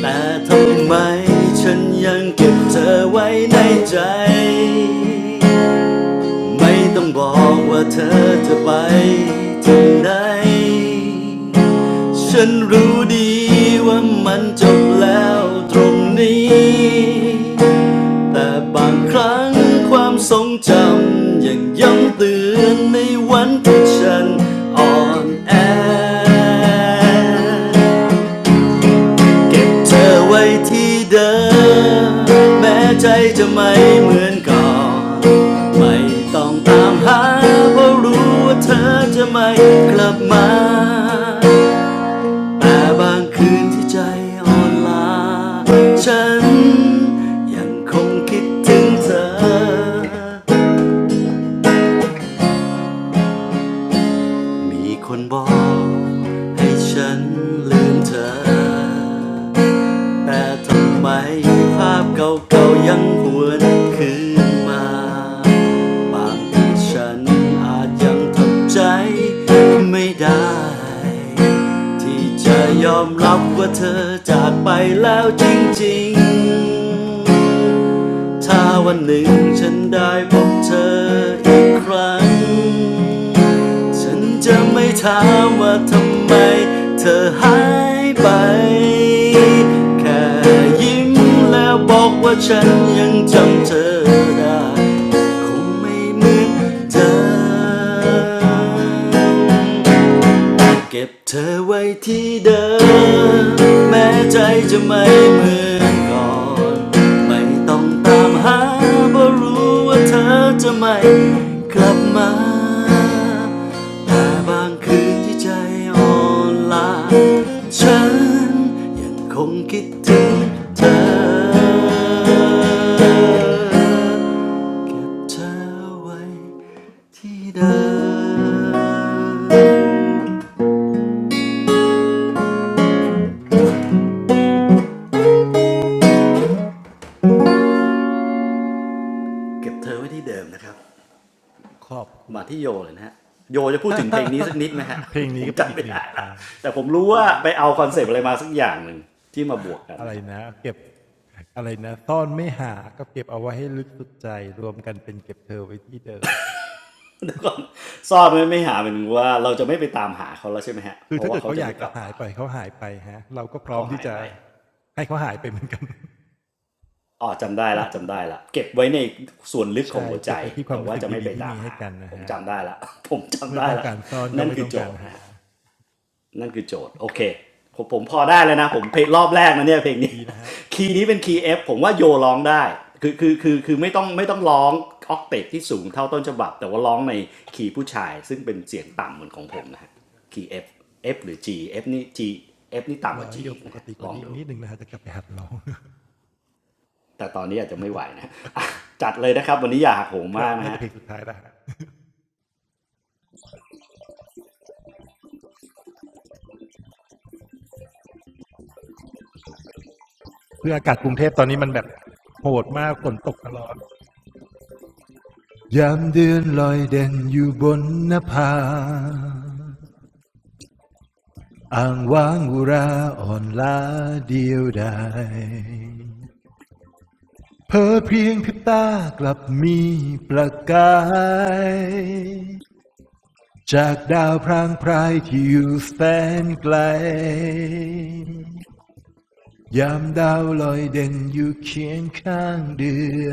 S1: แต่ทำไมฉันยังเก็บเธอไว้ในใจ ไม่ต้องบอกว่าเธอจะไปที่ไหนฉันรู้ดีว่ามันจบแล้วตรงนี้ แต่บางครั้งความทรงจำยังย้ำเตือนในวันที่ฉันอ่อนแอ เก็บเธอไว้ที่เดิมแม้ใจจะไม่เหมือนก่อนไม่ต้องตามหาเพราะรู้ว่าเธอจะไม่กลับมาแต่บางคืนที่ใจอ่อนล้าฉันยังคงคิดถึงเธอมีคนบอกให้ฉันลืมเธอ แต่ทำไมภาพเก่าๆยังหวนคืนมาบางทีฉันอาจยังทำใจไม่ได้ที่จะยอมรับว่าเธอจากไปแล้วจริงๆ ถ้าวันหนึ่งฉันได้พบเธออีกครั้ง ฉันจะไม่ถามว่าทำไมเธอหายไป แค่ยิ้มแล้วบอกว่าฉันยังจำเธอได้คงไม่เหมือนเธอ เก็บเธอไว้ที่เดิมแม้ใจจะไม่เหมือนก่อนไม่ต้องตามหาเพราะรู้ว่าเธอจะไม่กลับมาแต่บางคืนที่ใจอ่อนล้าฉันยังคงคิดถึงเธอเก็บเธอไว้ที่เดิม เก็บเธอไว้ที่เดิมนะครับ
S2: ขอบคุณ
S1: มาที่โยเลยนะฮะโยจะพูดถึงเพลงนี้สักนิดไหมฮะ
S2: เพลง
S1: ผ
S2: นี้
S1: ม
S2: ก็เป็น
S1: จำ
S2: อีก
S1: ไม่
S2: หนึ่ง
S1: ได้
S2: ค
S1: ละ
S2: วาม
S1: แต่ผมรู้ว่าไปเอาคอนเซปต์อะไรมาสักอย่างหนึ่งที่มาบวกกัน
S2: อะไร
S1: นะฮะ
S2: นะเก็บอะไรนะซ่อนไม่หาก็เก็บเอาไว้ให้ลึกสุดใจรวมกันเป็นเก็บเธอไว้ที่เดิม
S1: แล้วก็ซ่อนไม่ไม่หาเป็นว่าเราจะไม่ไปตามหาเขาแล้วใช่ไหมฮะ
S2: คื
S1: เพ
S2: อ
S1: ราะ
S2: ถ้า
S1: ว่า
S2: เกิด
S1: เขา
S2: เขา
S1: จะ
S2: อยา
S1: ไม่
S2: ก
S1: ก
S2: จะ
S1: ลับ
S2: หาย
S1: มา
S2: ไปเขาหายไปฮะเราก็พร้อ
S1: เขา
S2: มที่
S1: หาย
S2: จะ
S1: ไป
S2: ให้เขาหายไปเหมือนกัน
S1: อ๋อจำได้ละจำได้ละเก็บไว้ในส่วนลึกของ
S2: ใช่
S1: หัวใจ
S2: เก็บไปที่ความ
S1: แต่
S2: รู้
S1: ว่า
S2: สึก
S1: จะ
S2: ที่
S1: ไม่
S2: ดี
S1: ไป
S2: ที่
S1: ตาม
S2: มีให้
S1: หา
S2: กันนะ
S1: ผ
S2: ค
S1: ม
S2: รับ
S1: จำได้ละ ผม
S2: เมื่
S1: จำ
S2: อ
S1: ได้
S2: ต้อง
S1: ละ
S2: การซ่อนก็
S1: นั่น
S2: ไม่
S1: คือ
S2: ต้อง
S1: โจ
S2: การ
S1: ทย์
S2: หา
S1: นะ นั่นคือโจทย์โอเคผมผมพอได้แล้วนะผมเพลงรอบแรกนะเนี่ยเพลงนี้
S2: ดีนะครับ
S1: คีย์นี้เป็นคีย์ F ผมว่าโยร้องได้คือคือคือคือไม่ต้องไม่ต้องร้องออกเตปที่สูงเท่าต้นฉบับแต่ว่าร้องในคีย์ผู้ชายซึ่งเป็นเสียงต่ำเหมือนของผมนะฮะคีย์ F F หรือ G F นี่ G F นี่ต่ำ
S2: ร
S1: ก
S2: อ
S1: ว่า
S2: ให้โย
S1: G ี
S2: มปก
S1: นะฮะ
S2: ติก
S1: ล
S2: ว่า
S1: อง
S2: นี้อีก
S1: ดู
S2: นิดหนึ่งนะครับจะกลับไปหัดร้อง
S1: แต่ตอนนี้อาจจะไม่ไหวนะะ จัดเลยนะครับวันนี้อย่าหักโหม
S2: ครั
S1: มา
S2: บ
S1: ก
S2: น่า
S1: นะ
S2: จะ
S1: ฮะ
S2: เพลงสุดท้ายแล้วครับ คืออากาศกรุงเทพตอนนี้มันแบบโหดมากฝนตกตลอดยามเดือนลอยเด่นอยู่บนนภาอ่างว้างอุราอ่อนล้าเดียวดายเพอเพียงพริบตากลับมีประกาย จากดาวพรางพรายที่อยู่แสนไกล ยามดาวลอยเด่นอยู่เคียงข้างเดือ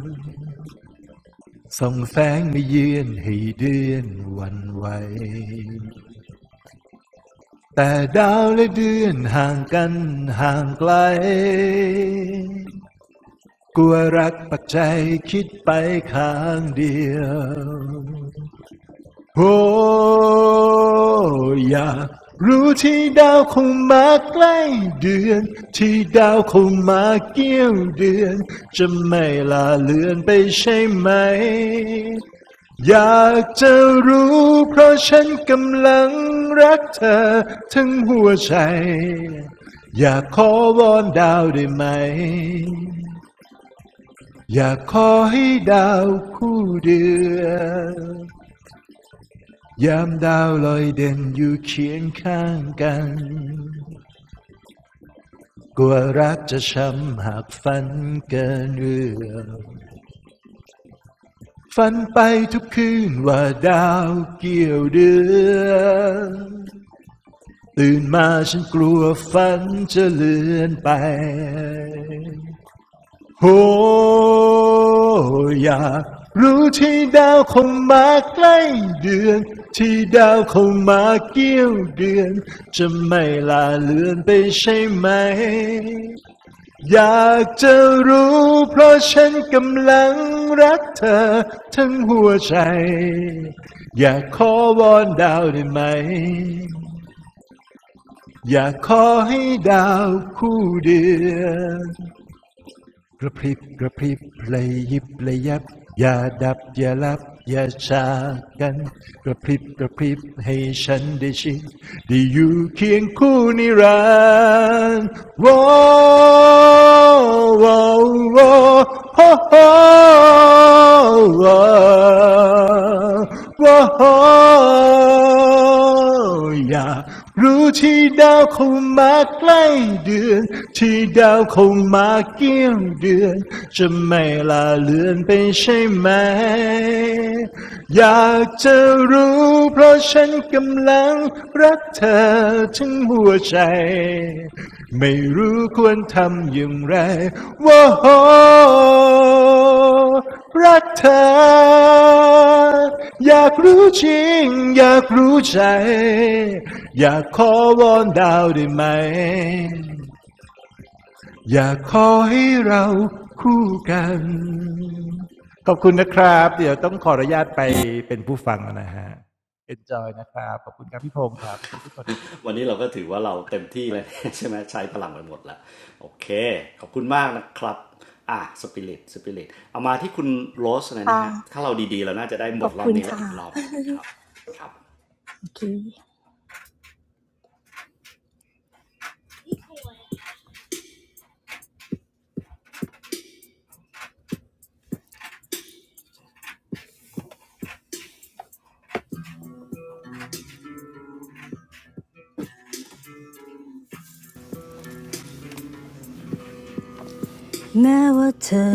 S2: นส่องแสงมาเยือนให้เดือนหวันไหว แต่ดาวและเดือนห่างกันห่างไกลกลัวรักปักใจคิดไปข้างเดียว โอ้อยากรู้ที่ดาวคงมาใกล้เดือนที่ดาวคงมาเกี่ยวเดือนจะไม่ลาเลือนไปใช่ไหมอยากจะรู้เพราะฉันกำลังรักเธอทั้งหัวใจอยากขอวอนดาวได้ไหมอยากขอให้ดาวคู่เดือน ยามดาวลอยเด่นอยู่เคียงข้างกันกลัวรักจะช้ำหากฝันเกินเรื่องฝันไปทุกคืนว่าดาวเกี่ยวเดือนตื่นมาฉันกลัวฝันจะเลือนไป โหอยากรู้ที่ดาวเข้ามาใกล้เดือนที่ดาวเข้ามาเกี่ยวเดือนจะไม่ลาเลือนไปใช่ไหมอยากจะรู้เพราะฉันกำลังรักเธอทั้งหัวใจอยากขอวอนดาวได้ไหมอยากขอให้ดาวคู่เดือน กระพริบกระพริบเลยยิบเลยยับอย่าดับอย่าลับอย่าชากกันกระพริบกระพริบให้ฉันได้ชิมได้อยู่เคียงคู่นิรันดร์ว้าวว้าวว้าวฮ่ฮ่ว้วอ้อย่า รู้ที่ดาวเข้ามาใกล้เดือนที่ดาวเข้ามาเกี่ยวเดือนจะไม่ลาเลือนไปใช่ไหมอยากจะรู้เพราะฉันกำลังรักเธอถึงหัวใจ ไม่รู้ควรทำอย่างไรว่าโหรักเธออยากรู้จริงอยากรู้ใจอยากขอวอนดาวได้ไหมอยากขอให้เราคู่กันขอบคุณนะครับเดี๋ยวต้องขออนุญาตไปเป็นผู้ฟังแล้วนะฮะ enjoy นะครับขอบคุณครับพี่พงศ์ครับขอบคุณทุกคนนะครับ
S1: วันนี้เราก็ถือว่าเราเต็มที่เลย ใช่ไหมใช้พลังไปหมดแล้วโอเคขอบคุณมากนะครับอ่ะสปิริตสปิริตเอามาที่คุณโรสเลยนะ
S3: ค่ะ
S1: ฮะถ้าเราดีๆเราน่าจะได้
S3: ข
S1: หม
S3: อ
S1: ด
S3: บ
S1: รอ
S3: คุ
S1: บ
S3: ณ
S1: นี้และ
S3: ค่ะ
S1: อีกรอบนะครับครับ
S3: โอเค แม้ว่าเธอ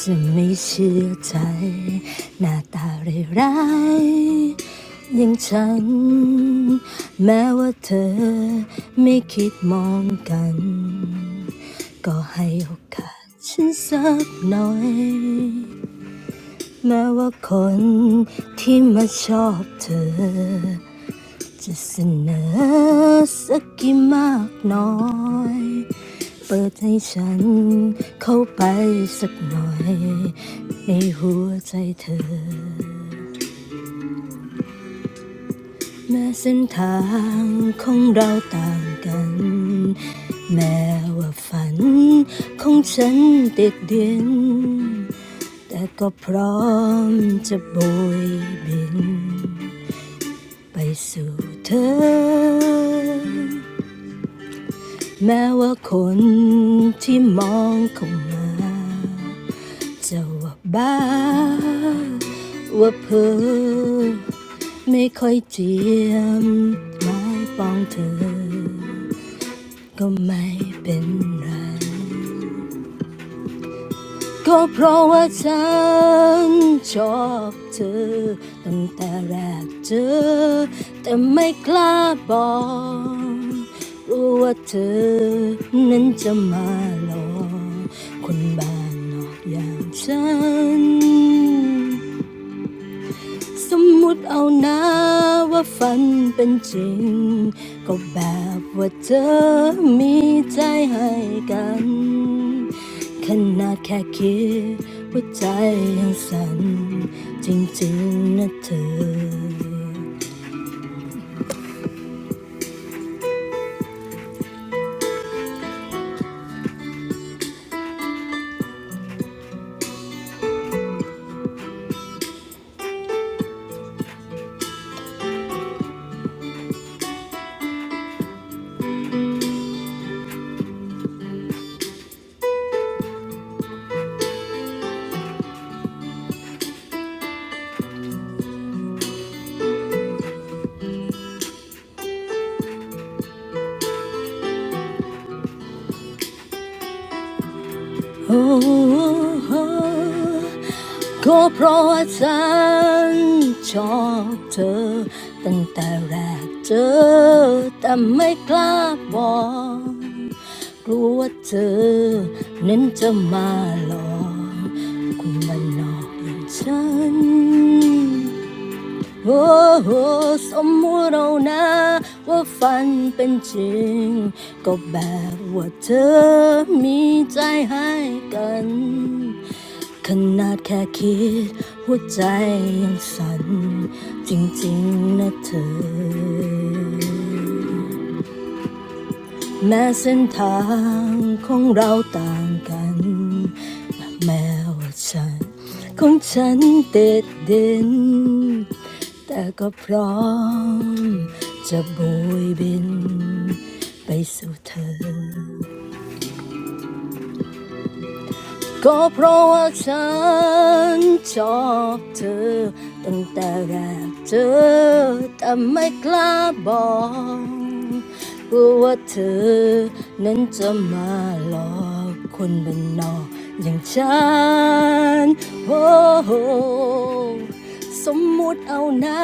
S3: จะไม่เชื่อใจหน้าตาเร่ร้ายๆอย่างฉันแม้ว่าเธอไม่คิดมองกันก็ให้โอกาสฉันสักหน่อยแม้ว่าคนที่มาชอบเธอ จะเสนอสักกี่มากน้อย เปิดให้ฉันเข้าไปสักหน่อยในหัวใจเธอแม้เส้นทางของเราต่างกันแม้ว่าฝันของฉันติดดินแต่ก็พร้อมจะโบยบินไปสู่เธอ แม้ว่าคนที่มองเข้ามาจะว่าบ้าว่าเพ้อไม่ค่อยเจียมไมายปองเธอ ก็ไม่เป็นไร ก็เพราะว่าฉันชอบเธอตั้งแต่แรกเจอแต่ไม่กล้าบอกรู้ว่าเธอนั้นจะมาหลอกคนบ้านนอกอย่างฉัน สมมุติเอานะว่าฝันเป็นจริงก็แบบว่าเธอมีใจให้กันขนาดแค่คิดว่าใจยังสั่นจริงๆนะเธอ โอ้โหก็เพราะว่าฉันชอบเธอตั้งแต่แรกเจอแต่ไม่กล้าบอกกลัวว่าเธอนั้นจะมาหลอกคุณมันนอกอย่างฉัน โอ้โหสมมุติเรานะว่าฝันเป็นจริงก็แบบว่าเธอมีใจให้กันขนาดแค่คิดหัวใจยังสั่นจริงๆนะเธอ แม้เส้นทางของเราต่างกัน แม้ว่าฉันของฉันติดดินแต่ก็พร้อมจะโบยบินไปสู่เธอ ก็เพราะว่าฉันชอบเธอตั้งแต่แรกเจอแต่ไม่กล้าบอกกลัวว่าเธอนั้นจะมาหลอกคนบ้านนอกอย่างฉันโอ้ สมมุติเอานะ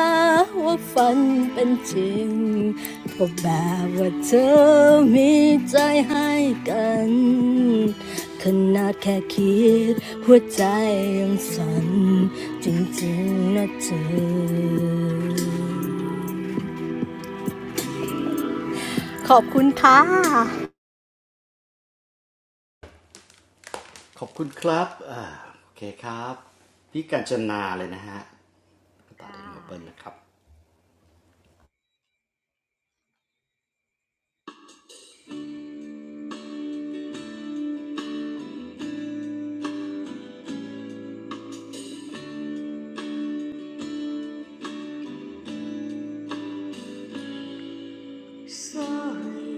S3: ว่าฝันเป็นจริงก็แบบว่าเธอมีใจให้กันขนาดแค่คิดหัวใจยังสั่นจริงๆนะเธอขอบคุณค่ะ
S1: ขอบคุณครับอ่าโอเคครับพี่กัญจนาเลยนะฮะตัดเอ็เมลเบิร์นนะครับ
S5: Sorry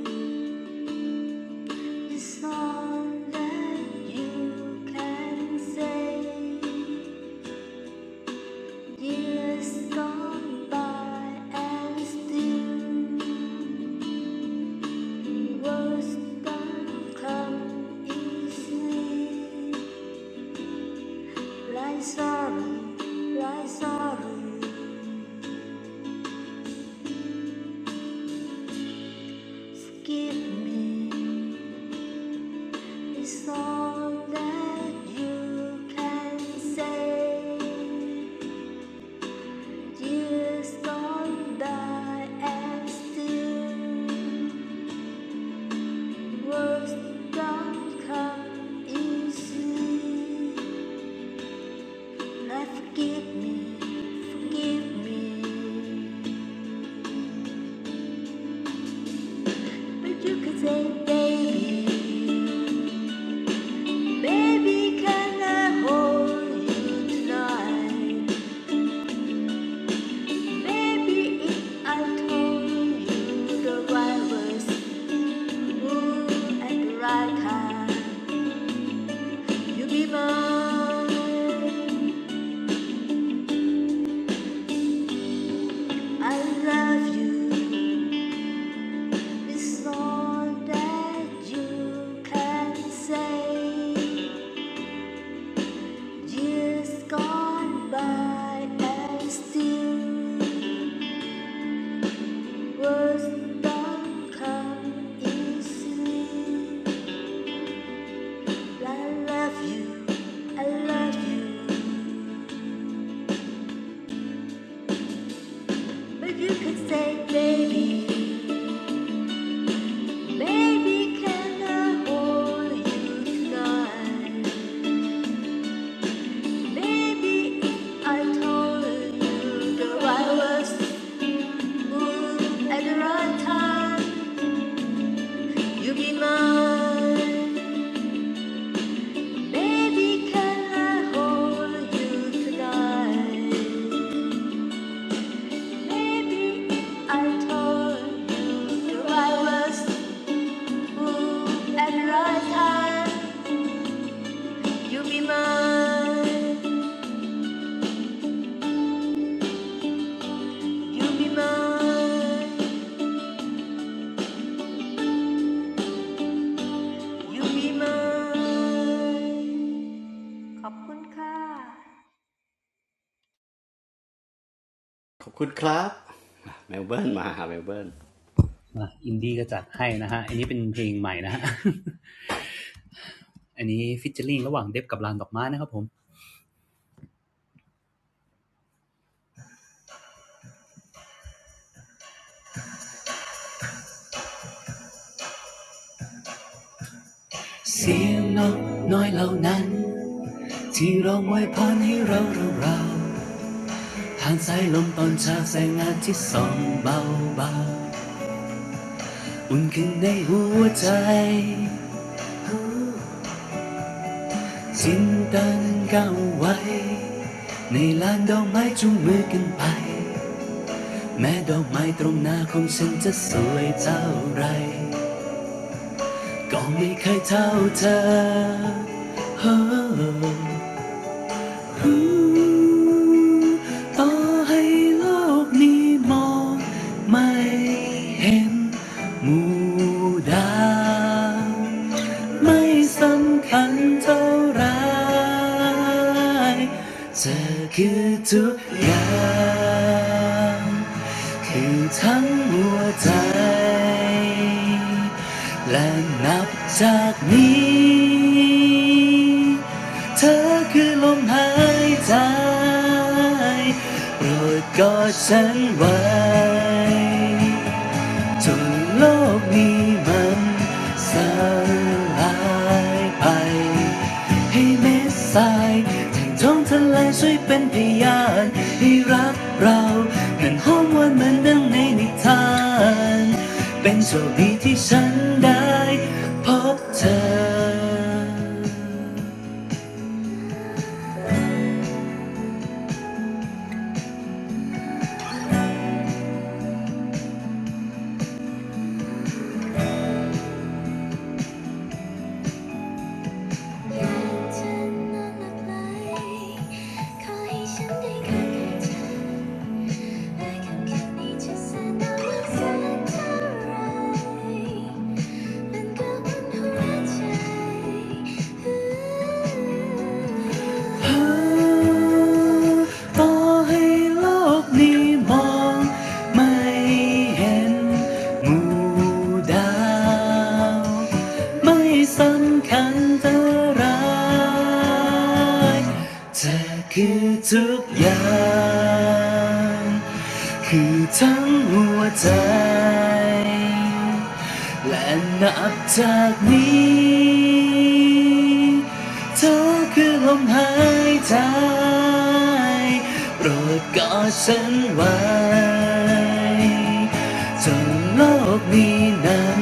S5: It's all that you can say, years gone by and still, words don't come easily. Like sorry, like sorry, forgive me. It's all that you can say. Years gone by and still words don't come easy. Now forgive me, forgive me, but you could say, baby, baby, can I hold you tonight? Maybe if I told you the right words, ooh, at the right time. You be mine. I love you. It's all that you can say. Years gone by and still words don't come easily. I love you. I love you. But you could say, baby, baby, can I hold you tonight? Maybe if I told you the I was moon at the right time, you'd be mine. Maybe can I hold you tonight? Maybe if I told you the I was moon at the right time, you'd be mine. You'd be mine. You'd be mine.
S1: ขอบคุณครับเมลเบิร์นมาหาเมลเบิร์น
S6: าอินดี้ก็จัดให้นะฮะ อันนี้เป็นเพลงใหม่นะฮะ อันนี้ฟิชเชอร์ลิงระหว่างเดฟกับลานดอกไม้นะครับผมเสียงนกน้อยเหล่านั้นที่ร้องไว้พรให้เราเราเรา่านสายลมตอนเช้าแสงอาทิตย์ส่องเบาเบาๆอุ่นขึ้นในหัวใจจินตันาก้ารไว้ในลานดอกไม้จุงมือกันไปแม้ดอกไม้ตรงหน้าของฉันจะสวยเท่าไร ก็ไม่เคยเท่าเธอ Oh. ต่อให้โลกนี้มองไม่เห็นหมู่ดาวไม่สำคัญเท่าไรเธอคือทุกอย่างคือทั้งหัวใจและนับจากนี้ เธอคือลมหายใจโปรดกอดฉันไว้จนโลกนี้มันสลายไป ให้เม็ดทรายแทงท้องทะเลช่วยเป็นพยานให้รักเรานั้นหอมหวานเหมือนดังในนิทาน เป็นโชคดีที่ฉันได้พบเธอ มันก็เป็นหัวใจ ต่อให้โลกนี้มองไม่เห็นหมู่ดาวไม่สำคัญเท่าไร เธอคือทุกอย่างคือทั้งหัวใจและนับจากนี้เธอคือลมหายใจโปรดกอดฉันไว้จน โลกนี้นั้น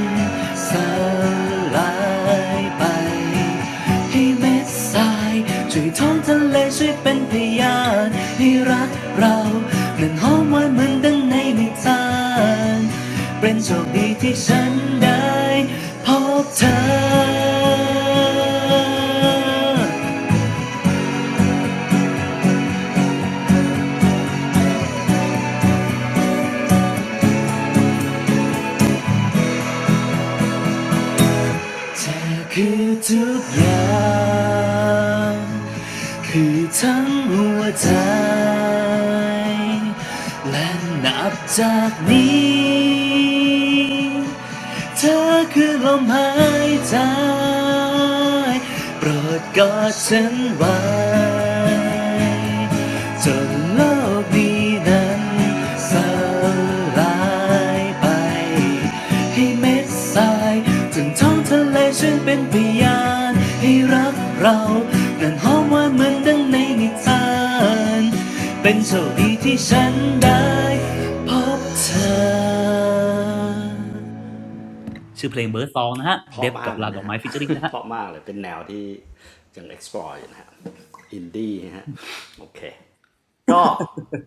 S6: สลายไปให้เม็ดทรายช่วยท้องทะเลช่วยเป็นพยานให้รักเรานั้นหอมหวานเหมือนดังในนิทานเป็นโชคดีที่ฉันได้พบเธอ เธอคือทุกอย่างคือทั้งหัวใจและนับจากนี้ เธอคือลมหายใจโปรดกอดฉันไว้จนโลกนี้นั้นสลายไปให้เม็ดทรายถึงท้องทะเลช่วนเป็นพยานให้รักเรานั้นหอมหว่านเหมือนดังในนิทานเป็นโชคดีที่ฉันได้พบเธอ ชื่อเพลงเบอร์ดซองนะฮะเด
S1: เพาะ
S6: ฟ
S1: มา
S6: กับ
S1: กเล
S6: ลา
S1: ย
S6: ดอ
S1: นะ
S6: กไม้
S1: ฮะ
S6: ฟิชเจอริงนะ ฮะ
S1: เพาะมากเลยเป็นแนวที่ยัง explore อยู่นะฮะอินดี้ฮะโอเค ก็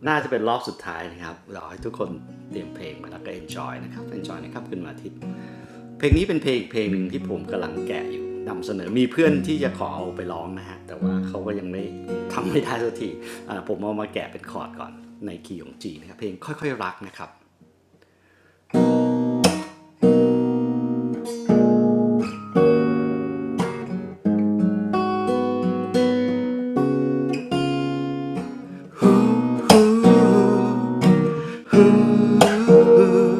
S1: น่าจะเป็นรอบสุดท้ายนะครับ เราให้ทุกคนเตรียมเพลงมาแล้วก็ enjoy นะครับ enjoy นะครับคืนวันอาทิตย์เพลงนี้เป็นเพลงเพลงหนึ่งที่ผมกำลังแกะอยู่นำเสนอมีเพื่อนที่จะขอเอาไปร้องนะฮะแต่ว่าเขาก็ยังไม่ทำไม่ได้สักทีาผมเอามาแกะเป็นคอร์ดก่อนในคีย์ของ G นะครับเพลงค่อยๆรักนะค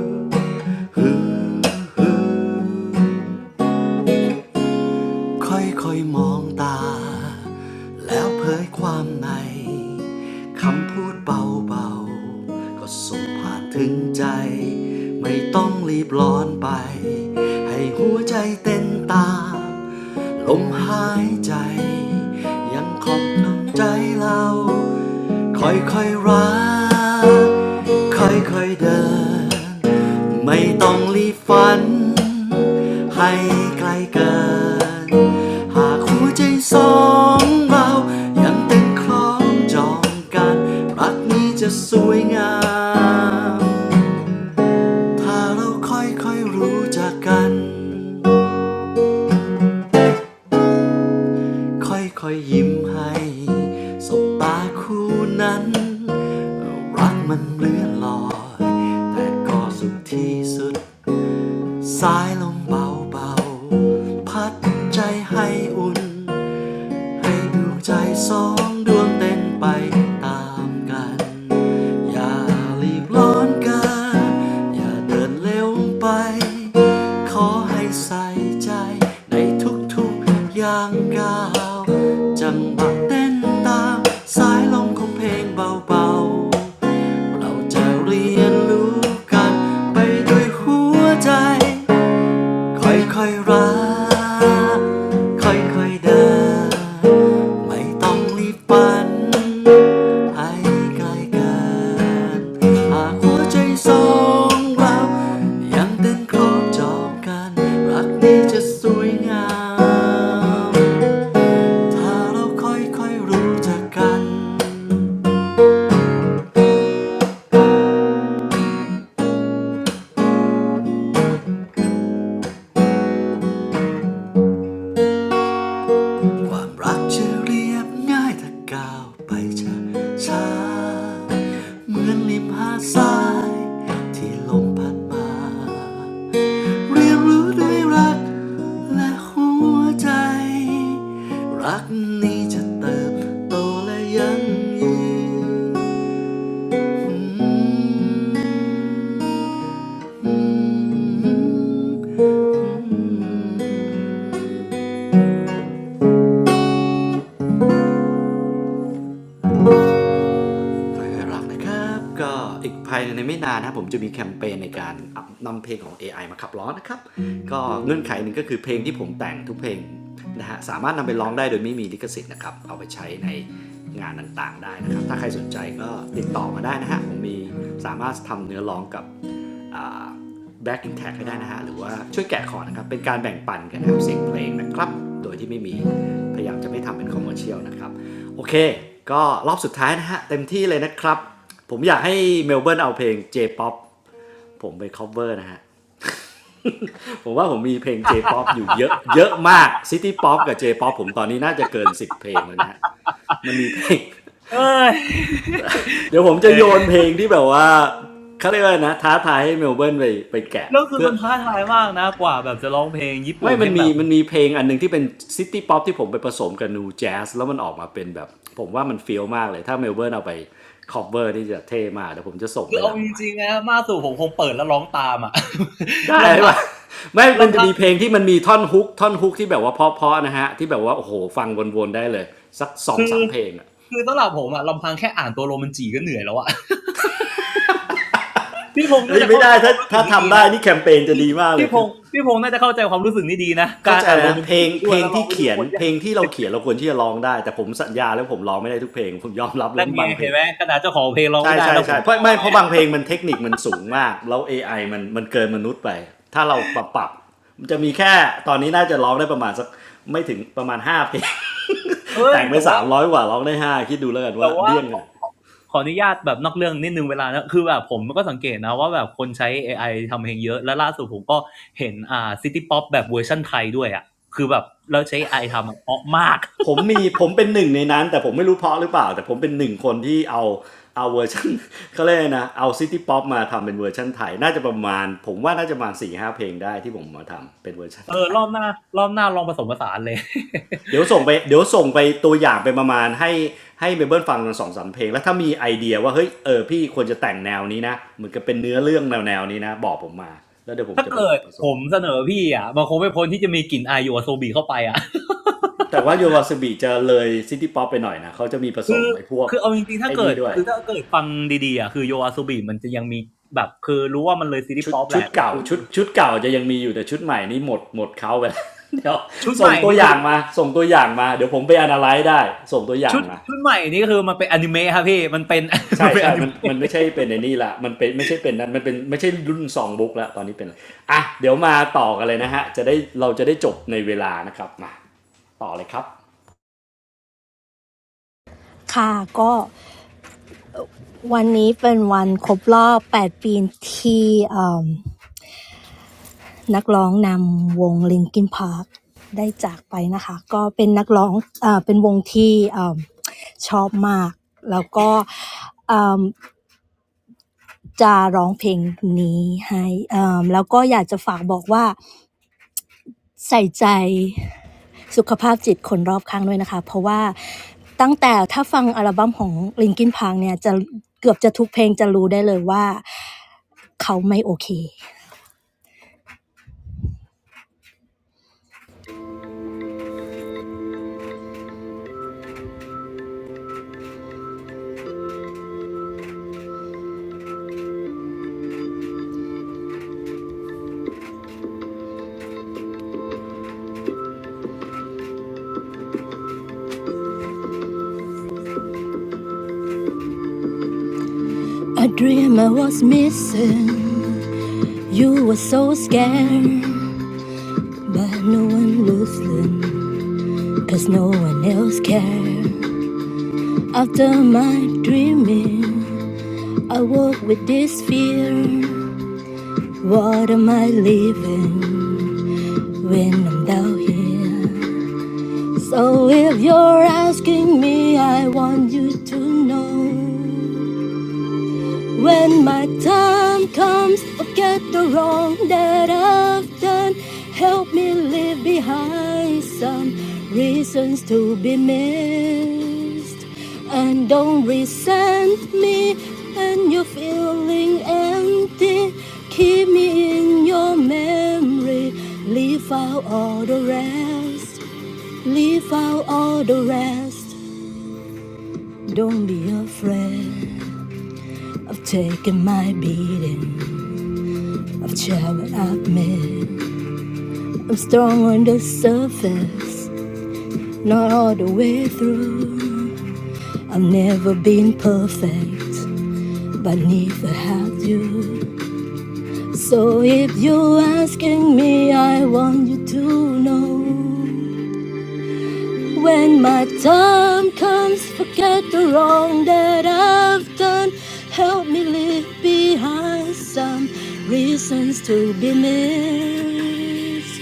S1: รับ ค่อยๆมองตาแล้วเผยความในคำพูดเบาๆก็ส่งผ่านถึงใจไม่ต้องรีบร้อนไปให้หัวใจเต้นตามลมหายใจยังขอบน้ำใจเรา ค่อยค่อยๆรักค่อยค่อยๆเดิน ไม่ต้องรีบฝัน ให้ไกลเกินหากหัวใจสองเรา ยังเต้นคล้องจองกันรักนี้จะสวยงาม ถ้าเราค่อยค่อยๆรู้จักกัน ค่อยๆยยิ้มให้สบตาคู่นั้นรักมันเลื่อนลอยแต่ก็สุขที่สุดสายลมเบาๆพัดใจให้อุ่น ให้ดวงใจสองดวงเต้นไปตามกัน อย่ารีบร้อนกัน อย่าเดินเร็วไป ขอให้ใส่ใจในทุกๆอย่างก้าว จังหวะเต้นตามสายลมของเพลงเบาๆ เราจะเรียนรู้กันไปด้วยหัวใจ ค่อยๆรัก ค่อยๆเดินไม่ต้องรีบฝัน ให้ไกลกันหากหัวใจสองเรายังเต้นครบจองกันรักนี้จะสวยงาม ถ้าเราค่อยๆรู้จักกัน ความรักจะเรียบง่ายถ้าก้าวไปช้าช้าเหมือนริมหาดทรายที่ลมพัดมาเรียนรู้ด้วยรักและหัวใจรักนี้จะเติบโตและยั่งยืนออืม คอยรักนะครับก็อีกภายในไม่นานนะครับผมจะมีแคมเปญในการนำเพลงของ AI มาขับร้องนะครับก็เงื่อนไขหนึ่งก็คือเพลงที่ผมแต่งทุกเพลงนะฮะสามารถนำไปร้องได้โดยไม่มีลิขสิทธิ์นะครับเอาไปใช้ในงานต่างๆได้นะครับถ้าใครสนใจก็ติดต่อมาได้นะฮะผมมีสามารถทำเนื้อร้องกับ แบ็กอินแท็กให้ได้นะฮะหรือว่าช่วยแกะขอร์ดนะครับเป็นการแบ่งปันกันนะครับเสียงเพลงนะครับโดยที่ไม่มีพยายามจะไม่ทำเป็นคอมเมอร์เชียลนะครับโอเคก็รอบสุดท้ายนะฮะเต็มที่เลยนะครับผมอยากให้เมลเบิร์นเอาเพลง J-POP ผมไป cover นะฮะผมว่าผมมีเพลง J-POP อยู่เยอะเยอะมาก City Pop กับ J-Pop ผมตอนนี้น่าจะเกินสิบเพลงแล้วนะฮะมันมีเพลง
S6: เอ้ย
S1: เดี๋ยวผมจะ
S6: เอ้
S1: โย
S6: ย
S1: นเพลงที่แบบว่าเขาเรียกว่านะท้าทายให้เมลเบิร์นไปไปแกะ
S6: แล้วคือ
S1: เพื่อ
S6: มันท้าทายมากนะกว่าแบบจะร้องเพลงญี่
S1: ไม่
S6: ปุ่น
S1: มั
S6: ให้
S1: น
S6: แบ
S1: มี
S6: บ
S1: มันมีเพลงอันหนึ่งที่เป็นซิตี้ป๊อปที่ผมไปผสมกับนูแจ๊สแล้วมันออกมาเป็นแบบผมว่ามันเฟี้ยวมากเลยถ้าเมลเบิร์นเอาไปคอ v เ r อร์นี่จะเท่มากเดี๋ยวผมจะส่ง
S6: คื
S1: ไป
S6: อ
S1: ห
S6: เอา
S1: ลัง
S6: จ
S1: ใหม่
S6: ริงๆนะมากสุดผมคงเปิดแล้วร้องตามอะ
S1: ได้
S6: ลำพัง
S1: ปะไม่มัน
S6: ลำ
S1: จะ
S6: พัง
S1: มีเพลงที่มันมีท่อนฮุกท่อนฮุกที่แบบว่าเพาะๆนะฮะที่แบบว่าโอ้โหฟังวนๆได้เลยสักสอง
S6: คื
S1: ถึง
S6: อ
S1: สามเพลงอะ
S6: คือสำหรับผมอะลำพังแค่อ่านตัวโรมันจีก็เหนื่อยแล้วอะ พี่พงษ์น่า
S1: เฮ้ย
S6: จะ
S1: ไม่
S6: เข้า
S1: ได้
S6: ใจค
S1: ถ้า
S6: วามรู้สึ
S1: ถ้า
S6: กนี้ดี
S1: ทำได้
S6: นะ
S1: นี่แคมเปญจะ
S6: พี่
S1: ดีมากเล
S6: พี่
S1: ย
S6: พ
S1: คือ
S6: งษ์พี่พงษ์น่าจะเข้าใจความรู้สึกนี้ดีนะ
S1: เข้า
S6: การ
S1: ใจ
S6: อ่านโร
S1: นะ
S6: มัน
S1: เพล
S6: จี
S1: ง
S6: ไปด้
S1: เพ
S6: ว
S1: ล
S6: ย
S1: ง
S6: แล้วร้อ
S1: ที่
S6: งไปด้ว
S1: เขี
S6: ย
S1: ย
S6: โค
S1: น
S6: ตร
S1: เพ
S6: ยา
S1: ล
S6: ก
S1: งที่เราเขียนเราควรที่จะร้องได้แต่ผมสัญญาแล้วผมร้องไม่ได้ทุกเพลงผมยอมรับ
S6: นั่น
S1: ว่า
S6: ไง
S1: บางเพล
S6: เห็น
S1: ง
S6: ไหมขนาดเจ้าของเพลงร้อง
S1: ใช่
S6: ไม่ได้
S1: ใช่
S6: แล้วผม
S1: ใช่เพ
S6: จะ
S1: ราะ
S6: เอา
S1: ไม่
S6: อะไร
S1: เพราะบางเพลงมันเทคนิคมันสูงมากแล้ว AI มันมันเกินมนุษย์ไปถ้าเราปรับปรับมันจะมีแค่ตอนนี้น่าจะร้องได้ประมาณสักไม่ถึงประมาณ5เพลง
S6: เฮ้ย
S1: แต่งไป
S6: แต่ว่า
S1: 300กว่าร้องได้5คิดดูแล้วกัน
S6: แต่
S1: ว่า
S6: ว่า
S1: เบี้ยงขนาด
S6: ขออนุญาตแบบนอกเรื่องนิดนึงเวลานะคือแบบผมก็สังเกตนะว่าแบบคนใช้ AI ทำเพลงเยอะ และล่าสุดผมก็เห็นอ่าซิตี้ป๊อปแบบเวอร์ชั่นไทยด้วยอ่ะคือแบบแล้วใช้ AI ทำอะเพราะมาก
S1: ผมมีผมเป็นหนึ่งในนั้นแต่ผมไม่รู้เพราะหรือเปล่าแต่ผมเป็นหนึ่งคนที่เอาเอาเวอร์ชัน เขาเรียกนะเอาซิตี้ป๊อปมาทำเป็นเวอร์ชันไทยน่าจะประมาณผมว่าน่าจะประมาณสี่ห้าเพลงได้ที่ผมมาทำเป็นเวอร์ชัน
S6: เอ
S1: ไท
S6: อร
S1: ย
S6: อบหน้ารอบหน้าลองผสมผสานเลย
S1: เดี๋ยวส่งไปเดี๋ยวส่งไปตัวอย่างไปประมาณให้ให้เมเบิลฟังกันสองสามเพลงแล้วถ้ามีไอเดียว่าเฮ้ยเออพี่ควรจะแต่งแนวนี้นะเหมือนกับเป็นเนื้อเรื่องแนวแนวนี้นะบอกผมมาแล้วเดี๋ยวผม
S6: ถ้า
S1: จะไป
S6: เกิด
S1: ผส
S6: ผ
S1: ม
S6: มเสนอพี่อ่ะมันคงไม่พ้นที่จะมีกลิ่นอายโยอาโซบีเข้าไปอ่ะ
S1: แต่ว่าโยวาสบีจะเลยซิตี้ป๊อปไปหน่อยนะเขาจะมีผสมไอ้พวก
S6: คือเอาจริงๆ ถ้า
S1: ไอ้
S6: เกิ
S1: นี่
S6: ด
S1: ด้วย
S6: คือถ้าเกิดฟังดีๆอ่ะคือโยอาโซบีมันจะยังมีแบบคือรู้ว่ามันเลยซิตี้
S1: ชุด
S6: ป๊อปแห
S1: ชุด
S6: ละแต่
S1: เก่า
S6: คือ
S1: ชุดชุดเก่าจะยังมีอยู่แต่ชุดใหม่นี่หมดหมดเขาไปแล้ว เดี๋ยว
S6: ชุดให
S1: ส่ง
S6: ม่
S1: ตัว
S6: นี่
S1: อ
S6: คื
S1: ย่า
S6: อ
S1: งมาส่งตัวอย่างมาเดี๋ยวผมไปอนาไลั์ได้ส่งตัวอย่า
S6: ชุ
S1: ง
S6: ด
S1: มา
S6: ชุดใหม่นี่คือมันเป็นอนิเมะครับพี่มันเป็น มั
S1: ใช่
S6: นเป็นอ
S1: ใช่
S6: นิ
S1: มันมันไม่ใช่เป็นในนี่ละมันเป็นไม่ใช่เป็นนั้นมันเป็นไม่ใช่รุ่นซองบุ๊กละตอนนี้เป็นอะไรอ่ะเดี๋ยวมาต่อกันเลยนะฮะจะได้เราจะได้จบในเวลานะครับมาต่อเลยครับ
S3: ค่ะก็วันนี้เป็นวันครบรอบ8ปดปีที่อม นักร้องนำวง Linkin Park ได้จากไปนะคะก็เป็นนักร้องเอ่อเป็นวงที่เอ่อชอบมากแล้วก็เอ่อจะร้องเพลงนี้ให้เอ่มแล้วก็อยากจะฝากบอกว่าใส่ใจสุขภาพจิตคนรอบข้างด้วยนะคะเพราะว่าตั้งแต่ถ้าฟังอัลบั้มของ Linkin Park เนี่ยจะเกือบจะทุกเพลงจะรู้ได้เลยว่าเขาไม่โอเค I dream I was missing You were so scared But no one listened, cause no one else cared. After my dreaming, I walk with this fear. What am I living when I'm down here? So if you're asking me, I want you to know. When my time comes, forget the wrong that I've done. Help me leave behind some reasons to be missed. And don't resent me when you're feeling empty. Keep me in your memory. Leave out all the rest. Leave out all the rest. Don't be afraid of taking my beating. I've tried, but I've met. I'm strong on the surface, not all the way through. I've never been perfect, but neither have you. So if you're asking me, I want you to know. When my time comes, forget the wrong that I've done. Help me leave behind some reasons to be missed.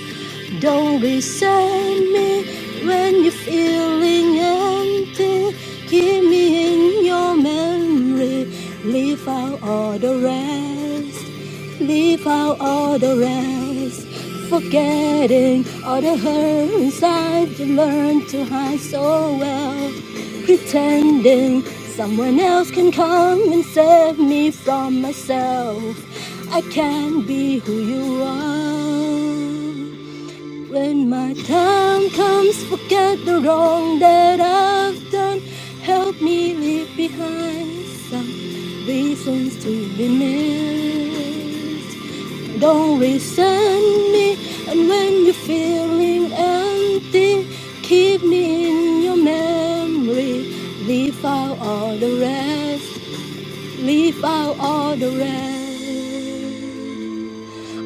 S3: Don't resent me when you're feeling empty. Keep me in your memory, leave out all the rest. Leave out all the rest, forgetting all the hurts I've learned to hide so well. Pretending someone else can come and save me from myself. I can't be who you are. When my time comes, forget the wrong that I've done. Help me leave behind some reasons to be missed. Don't resent me, and when you're feeling empty, keep me in your memory. Leave out all the rest, leave out all the rest.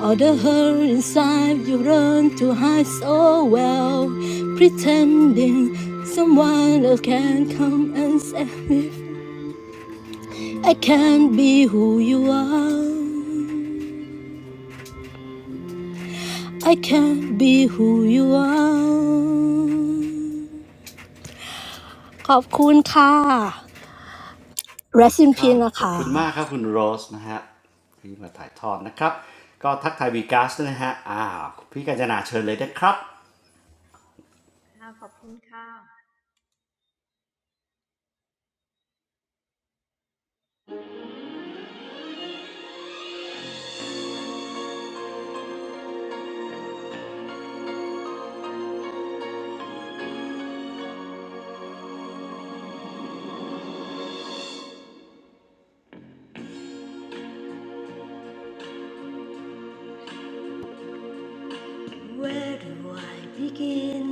S3: All the hurt inside you run to hide so well, pretending someone else can come and save me. I can't be who you are. I can't be who you are. ขอบคุณค่ะ Rest in
S1: ครับ
S3: peace
S1: ขอบคุณ
S3: นะคะ
S1: มากครับคุณโรสนะฮะที่มาถ่ายทอดนะครับก็ทักทายวีกัสด้วยนะฮะอ้าวพี่กาญจนาเชิญเลยนะครับ
S5: Where do I begin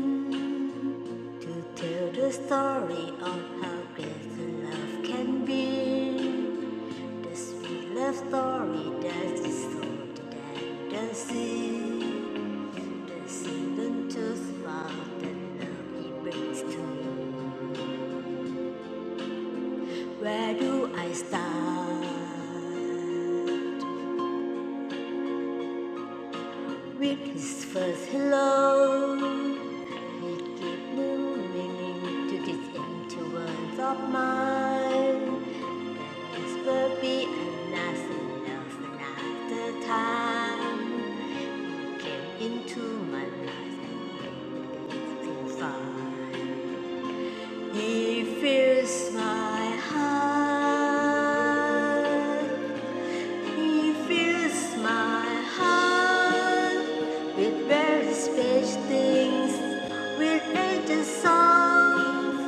S5: to tell the story of how great the love can be? The sweet love story that is told than the sea. The seven to love that love it brings to me. Where do I start? With his first hello, he gave new meaning to this empty world of mine. This will be and nothing else another time. Came into my life and nothing fine. He fills my heart. He fills my heart with very special things. We With angel songs,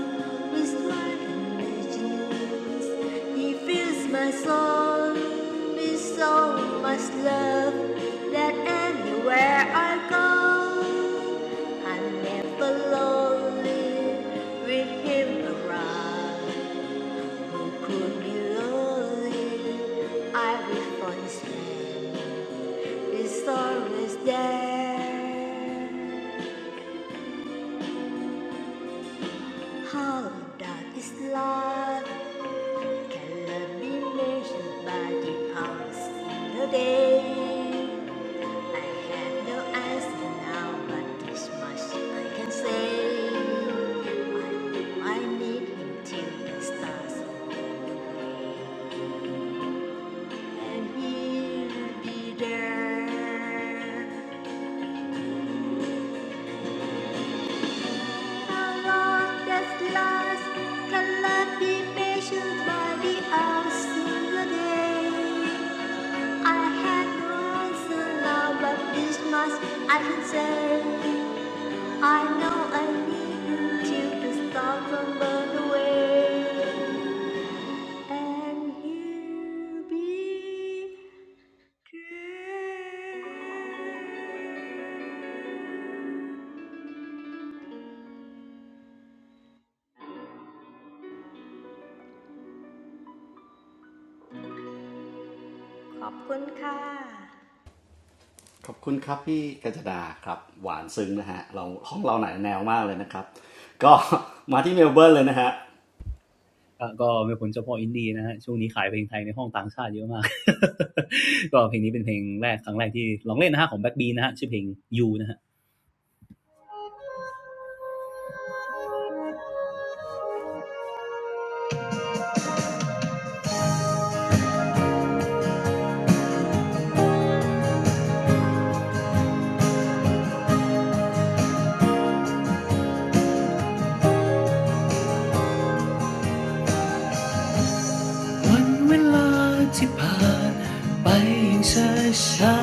S5: with smart imaginations. He fills my soul with so much love that anywhere I go, I'm never lonely with him around. Could be lonely, every phone's is always there. How dark is love? Can love be measured by the hours in the day? I have no answer now, but this much I can say. I know I need him till the stars, and he'll be there. I can say I know I need you to stop and burn away and he'll be true.
S1: ขอบคุณครับพี่กาญจนาครับหวานซึ้งนะฮะเราห้องเราหนายแนวมากเลยนะครับก็มาที่เมลเบิร์นเลยนะฮะ
S6: ก็กมเป็นคเจ้าพออินดี้นะฮะช่วงนี้ขายเพลงไทยในห้องต่างชาติเยอะมาก ก็เพลงนี้เป็นเพลงแรกครั้งแรกที่ลองเล่นนะฮะของแบ็คบีนะฮะชื่อเพลงยูนะฮะวันเวลาที่ผ่านไปอย่างช้า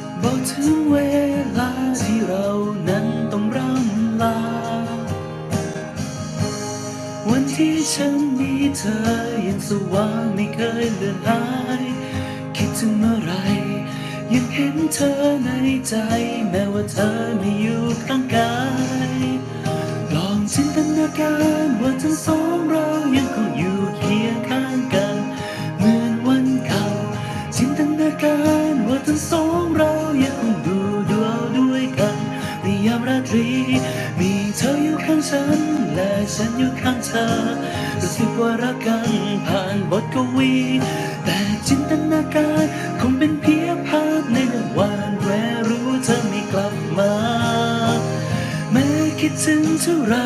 S6: ๆบอกถึงเวลาที่เรานั้นต้องร่ำลา วันที่ฉันมีเธอยังสว่างไม่เคยเลือนหาย คิดถึงเมื่อไรยังเห็นเธอในใจแม้ว่าเธอไม่อยู่ข้างกาย ลองจินตนาการว่าทั้งสองเรายังคงอยู่เคียงข้างกันเหมือนวันเก่าจินตนาการว่าทั้งสองเรายังคงดูดวงด้วยกันในยามราตรีมีเธออยู่ข้างฉันและฉันอยู่ข้างเธอรู้สึกว่ารักกันผ่านบทกวีแต่จินตนาการคงเป็นเพียงภาพในหนึงวันแววรู้เธอไม่กลับมา แม้คิดถึงเท่าไร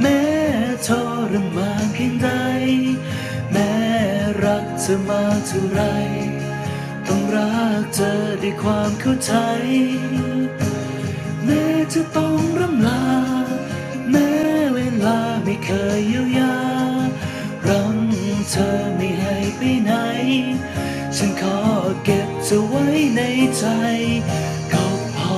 S6: แม้ทรมานเพียงใดแม้รักเธอมาเท่าไรต้องรักเธอด้วยความเข้าใจแม้จะต้องร่ำลาแม้เวลาไม่เคยเยียวยารังเธอไม่ให้ไปไหนฉันขอเก็บเธอไว้ในใจก็พอ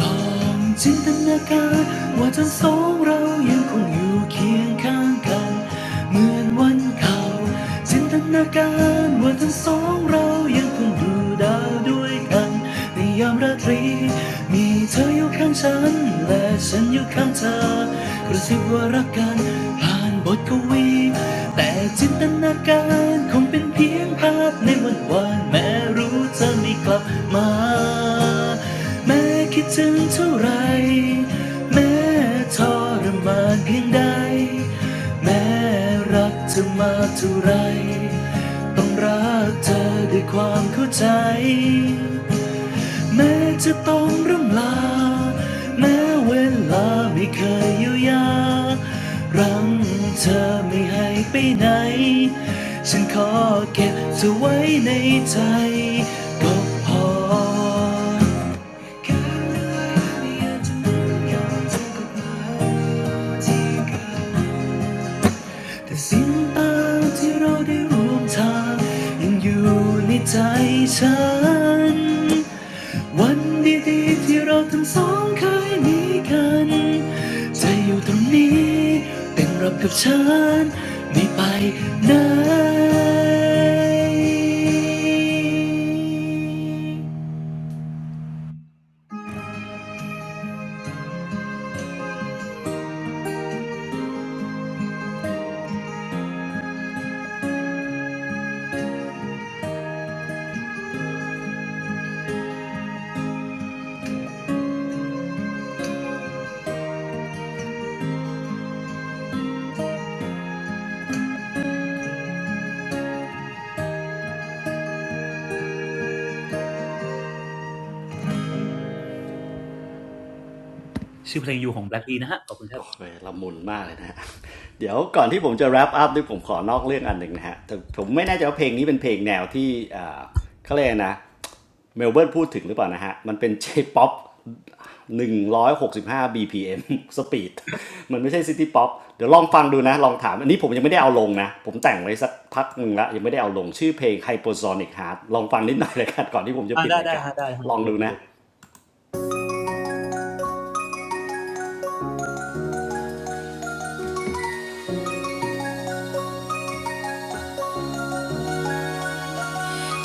S6: ลองจินตนาการว่าทั้งสองเรายังคงอยู่เคียงข้างกัน เหมือนวันเก่าจินตนาการว่าทั้งสองเรายังคงดูดาวด้วยกันในยามราตรีมีเธออยู่ข้างฉันและฉันอยู่ข้างเธอกระซิบว่ารักกันผ่านบทกวีแต่จินตนาการคงเป็นเพียงภาพในวันวานแม้รู้เธอไม่กลับมาแม้คิดถึงเท่าไหรแม้ทรมานเพียงใด แม้รักเธอมาเท่าไร ต้องรักเธอด้วยความเข้าใจ แม้จะต้องร่ำลาแม้เวลาไม่เคยเยียวยา รังเธอไม่ให้ไปไหน ฉันขอเก็บเธอไว้ในใจก็พอแค่อยากจะมยอกหทีก แต่เสิ่งตางที่เราได้ร่วมทางยังอยู่ในใจฉันวันดีๆที่เราทั้งสองเคยมีกันจะอยู่ตรงนี้เป็นรับกับฉันไม่ไปไหนชื่อเพลงอยู่ของ Black D นะฮะขอบคุณครับ
S1: โอ้ยละมุนมากเลยนะฮะ เดี๋ยวก่อนที่ผมจะ wrap up ด้วยผมขอนอกเรื่องอันหนึ่งนะฮะแต่ผมไม่แน่ใจว่าเพลงนี้เป็นเพลงแนวที่เขาเรียกนะเมลเบิร์นพูดถึงหรือเปล่านะฮะมันเป็น J-POP 165 BPM สบห้าบีพีเอ็ มสปีดมันไม่ใช่ซิตี้ o ๊อปเดี๋ยวลองฟังดูนะลองถามอันนี้ผมยังไม่ได้เอาลงนะผมแต่งไว้สักพักหนึ่งละยังไม่ได้เอาลงชื่อเพลง Hypersonic Heart ลองฟังนิดหน่อยเลยกันก่อนที่ผมจะ
S6: อ่า
S1: ปิด
S6: ได้
S1: ราย
S6: ได้
S1: การ
S6: ฮะได้ฮะ
S1: ลอง
S6: เดี๋ย
S1: ดู
S6: ว
S1: นะ
S6: เดี๋ยว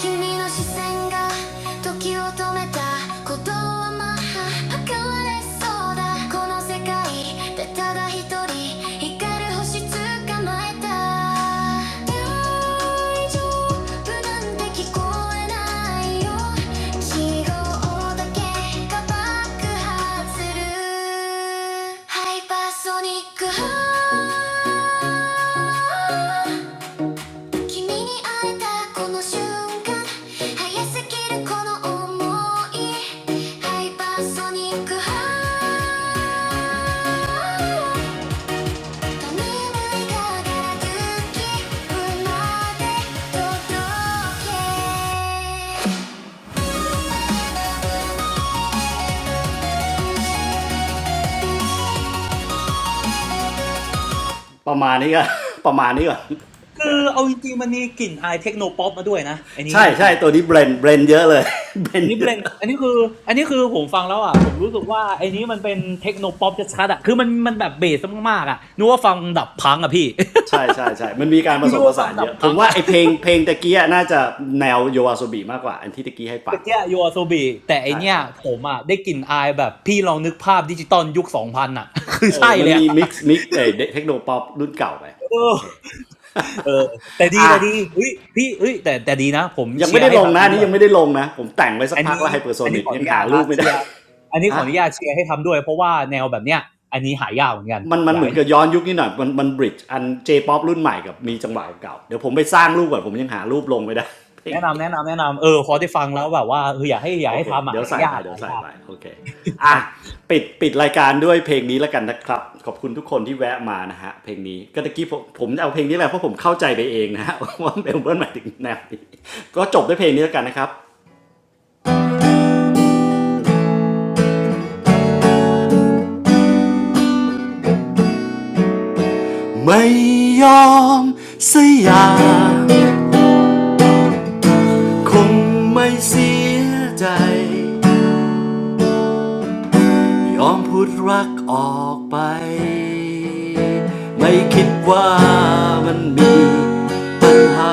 S1: 君の視線が時を止めたことはまあ測れそうだこの世界でただ一人光る星捕まえた大丈夫なんて聞こえないよ記号だけが爆発するハイパーソニックハ ประมาณนี้ก็ ประมาณนี้ก่อน
S6: คือเอาจริงๆมันมีกลิ่นอายเทคโนป๊อปมาด้วยนะไอันนี้
S1: ใช่
S6: ดูฟิ
S1: ใช่
S6: วชั่น
S1: ตัวนี้เบรนเบรนเยอะเลย เบร
S6: อั
S1: น
S6: นนี้เบ
S1: เย
S6: ล
S1: อะ
S6: นอันนี้คืออันนี้คือผมฟังแล้วอ่ะผมรู้สึกว่าไอ้นี้มันเป็นเทคโนป๊อปชัดๆอ่ะคือมันมันแบบเบสมากๆอ่ะนึกว่าฟังดับพังอ่ะพี่
S1: ใช่ใช่ใช่มันมีการผ ส
S6: นึก
S1: มผ
S6: ว่าฟั
S1: สา
S6: ง
S1: นเย
S6: ดับ
S1: อะ ผ
S6: พั
S1: ม
S6: ง
S1: ว่า
S6: อ่ะ
S1: ไอเพลง เพลงตะกี้น่าจะแนวโยอาโซบีมากกว่า อันที่ตะกี้ให้ฟั
S6: แต่
S1: ง
S6: เกียยูอาโซบีแต่ไอ
S1: ใช่
S6: เนี้ย
S1: ใช่
S6: ผมอ่ะได้กลิ่นอายแบบพี่ลองนึกภาพดิจิตอลยุค2000องพันอ่ะ คือ
S1: เออ
S6: ใช่
S1: มั
S6: เล
S1: น
S6: ยอะ
S1: มีมิกซ์มิกซ์เออเทคโนป๊อปรุ่นเก่าไป
S6: เอ
S1: โอ
S6: อ
S1: เค
S6: เออแต่ ดี
S1: อ่ะ
S6: แต่ดีเฮ้ยพี่เฮ้ยแต่แต่ดีนะผม
S1: ยัง
S6: เชี
S1: ไม่
S6: ยร์
S1: ได้
S6: ให้
S1: ลง
S6: ทำ
S1: นะ
S6: นี้
S1: อัน
S6: ด้
S1: นี้
S6: วย
S1: ยังไม่ได้ลงนะ ผมแต่งไว้สั
S6: อั
S1: ก
S6: น
S1: พัก
S6: นี้
S1: แล้วไฮเปอร์โซ
S6: อันนี้
S1: นิ
S6: ข
S1: ก
S6: ออ
S1: ยั
S6: นุ
S1: ง
S6: ญา
S1: หา
S6: ต
S1: รู
S6: ฮะ
S1: ปไม่
S6: เชี
S1: ได้
S6: ยร์อันนี้ ขอ
S1: ฮะ
S6: อนุญาตเชียร์ให้ทำด้วยเพราะว่าแนวแบบเนี้ยอันนี้หายากเหมือนกัน
S1: มันมั
S6: อ
S1: น
S6: ยา
S1: เห
S6: ก
S1: มือ
S6: ให้
S1: นกับย้อนยุคนิดหน่อย มันมันบริดจ์อันเจป๊อปรุ่นใหม่กับมีจังหวะเก่า เดี๋ยวผมไปสร้างรูปก่อนผมยังหารูปลงไม่ได้ เพลง
S6: แนะนำ
S1: นี้
S6: แนะนำแนะนำ เออ พ
S1: โอ
S6: อได้ฟังแล้วแบบว่าเอออยากให้อยาก
S1: โอ
S6: ให้
S1: เค
S6: ทำอ่ะ
S1: เดี๋ยว
S6: หา
S1: ใส่
S6: ยา
S1: ไป
S6: ก
S1: เดี๋ย
S6: หา
S1: วใส่
S6: ยาก
S1: ไปโอเค
S6: ค
S1: อ่ะ
S6: รับ
S1: ปิดปิดรายการด้วยเพลงนี้แล้วกันนะครับขอบคุณทุกคนที่แวะมานะฮะเพลงนี้ก็ตะกี้ผมผมเอาเพลงนี้แหละเพราะผมเข้าใจไปเองนะฮะ ว่าเมลเบิร์นหมายถึงแนวนี้ก็จบด้วยเพลงนี้แล้วกันนะครับไม่ยอมเสยคงไม่เสียใจ ยอมพูดรักออกไป ไม่คิดว่ามันมีปัญหา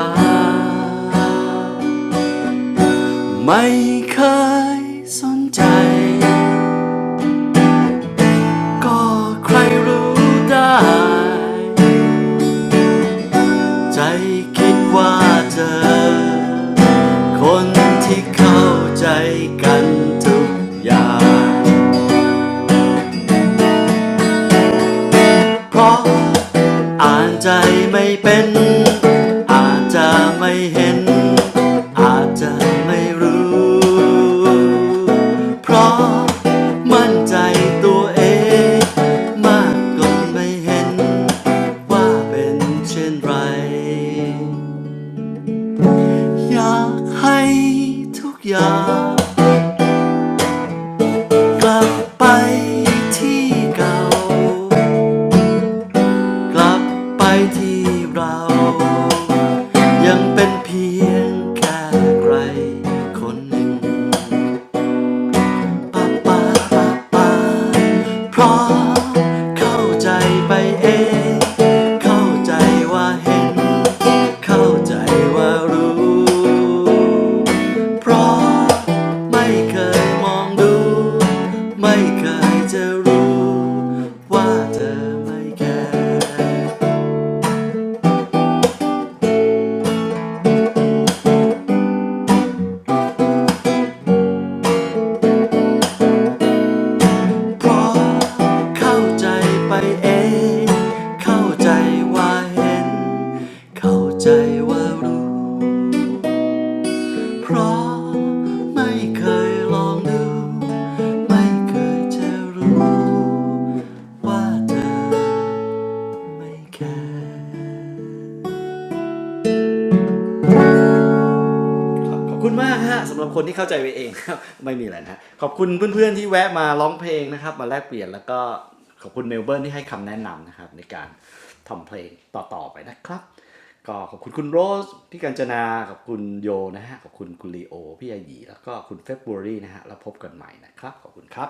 S1: ไม่เคยสนใจก็ใครรู้ได้ใจคิดว่าเธอคนที่เข้าใจกันทุกอย่าง เพราะอ่านใจไม่เป็น อาจจะไม่เห็น อาจจะไม่รู้ เพราะมั่นใจตัวเองมากก็ไม่เห็นว่าเป็นเช่นไร อยากให้ทุกอย่างกลับไปที่เก่า กลับไปที่เรายังเป็นเพียงแค่ใครคนหนึ่งป้าป้าป้าป้าเพราะเข้าใจไปเองเข้าใจว่าเห็นเข้าใจว่ารู้เพราะไม่เคยมองดูไม่เคยจะรู้ว่าเธอไม่แคร์ เพราะเข้าใจไปเองเข้าใจว่าเห็นเข้าใจว่ารู้เพราะไม่เคยลองดูไม่เคยจะรู้ว่าเธอไม่แคร์ ขอบคุณมากฮะสำหรับคนที่เข้าใจไปเองครับ ไม่มีอะไรนะฮะขอบคุณเพื่อนๆที่แวะมาร้องเพลงนะครับมาแลกเปลี่ยนแล้วก็ขอบคุณเมลเบิร์นที่ให้คำแนะนำนะครับในการทำเพลงต่อๆไปนะครับก็ขอบคุณคุณโรสพี่กัญจนาขอบคุณโยนะฮะขอบคุณคุณลีโอพี่อาหยีแล้วก็คุณเฟบรุวารีนะฮะแล้วพบกันใหม่นะครับขอบคุณครับ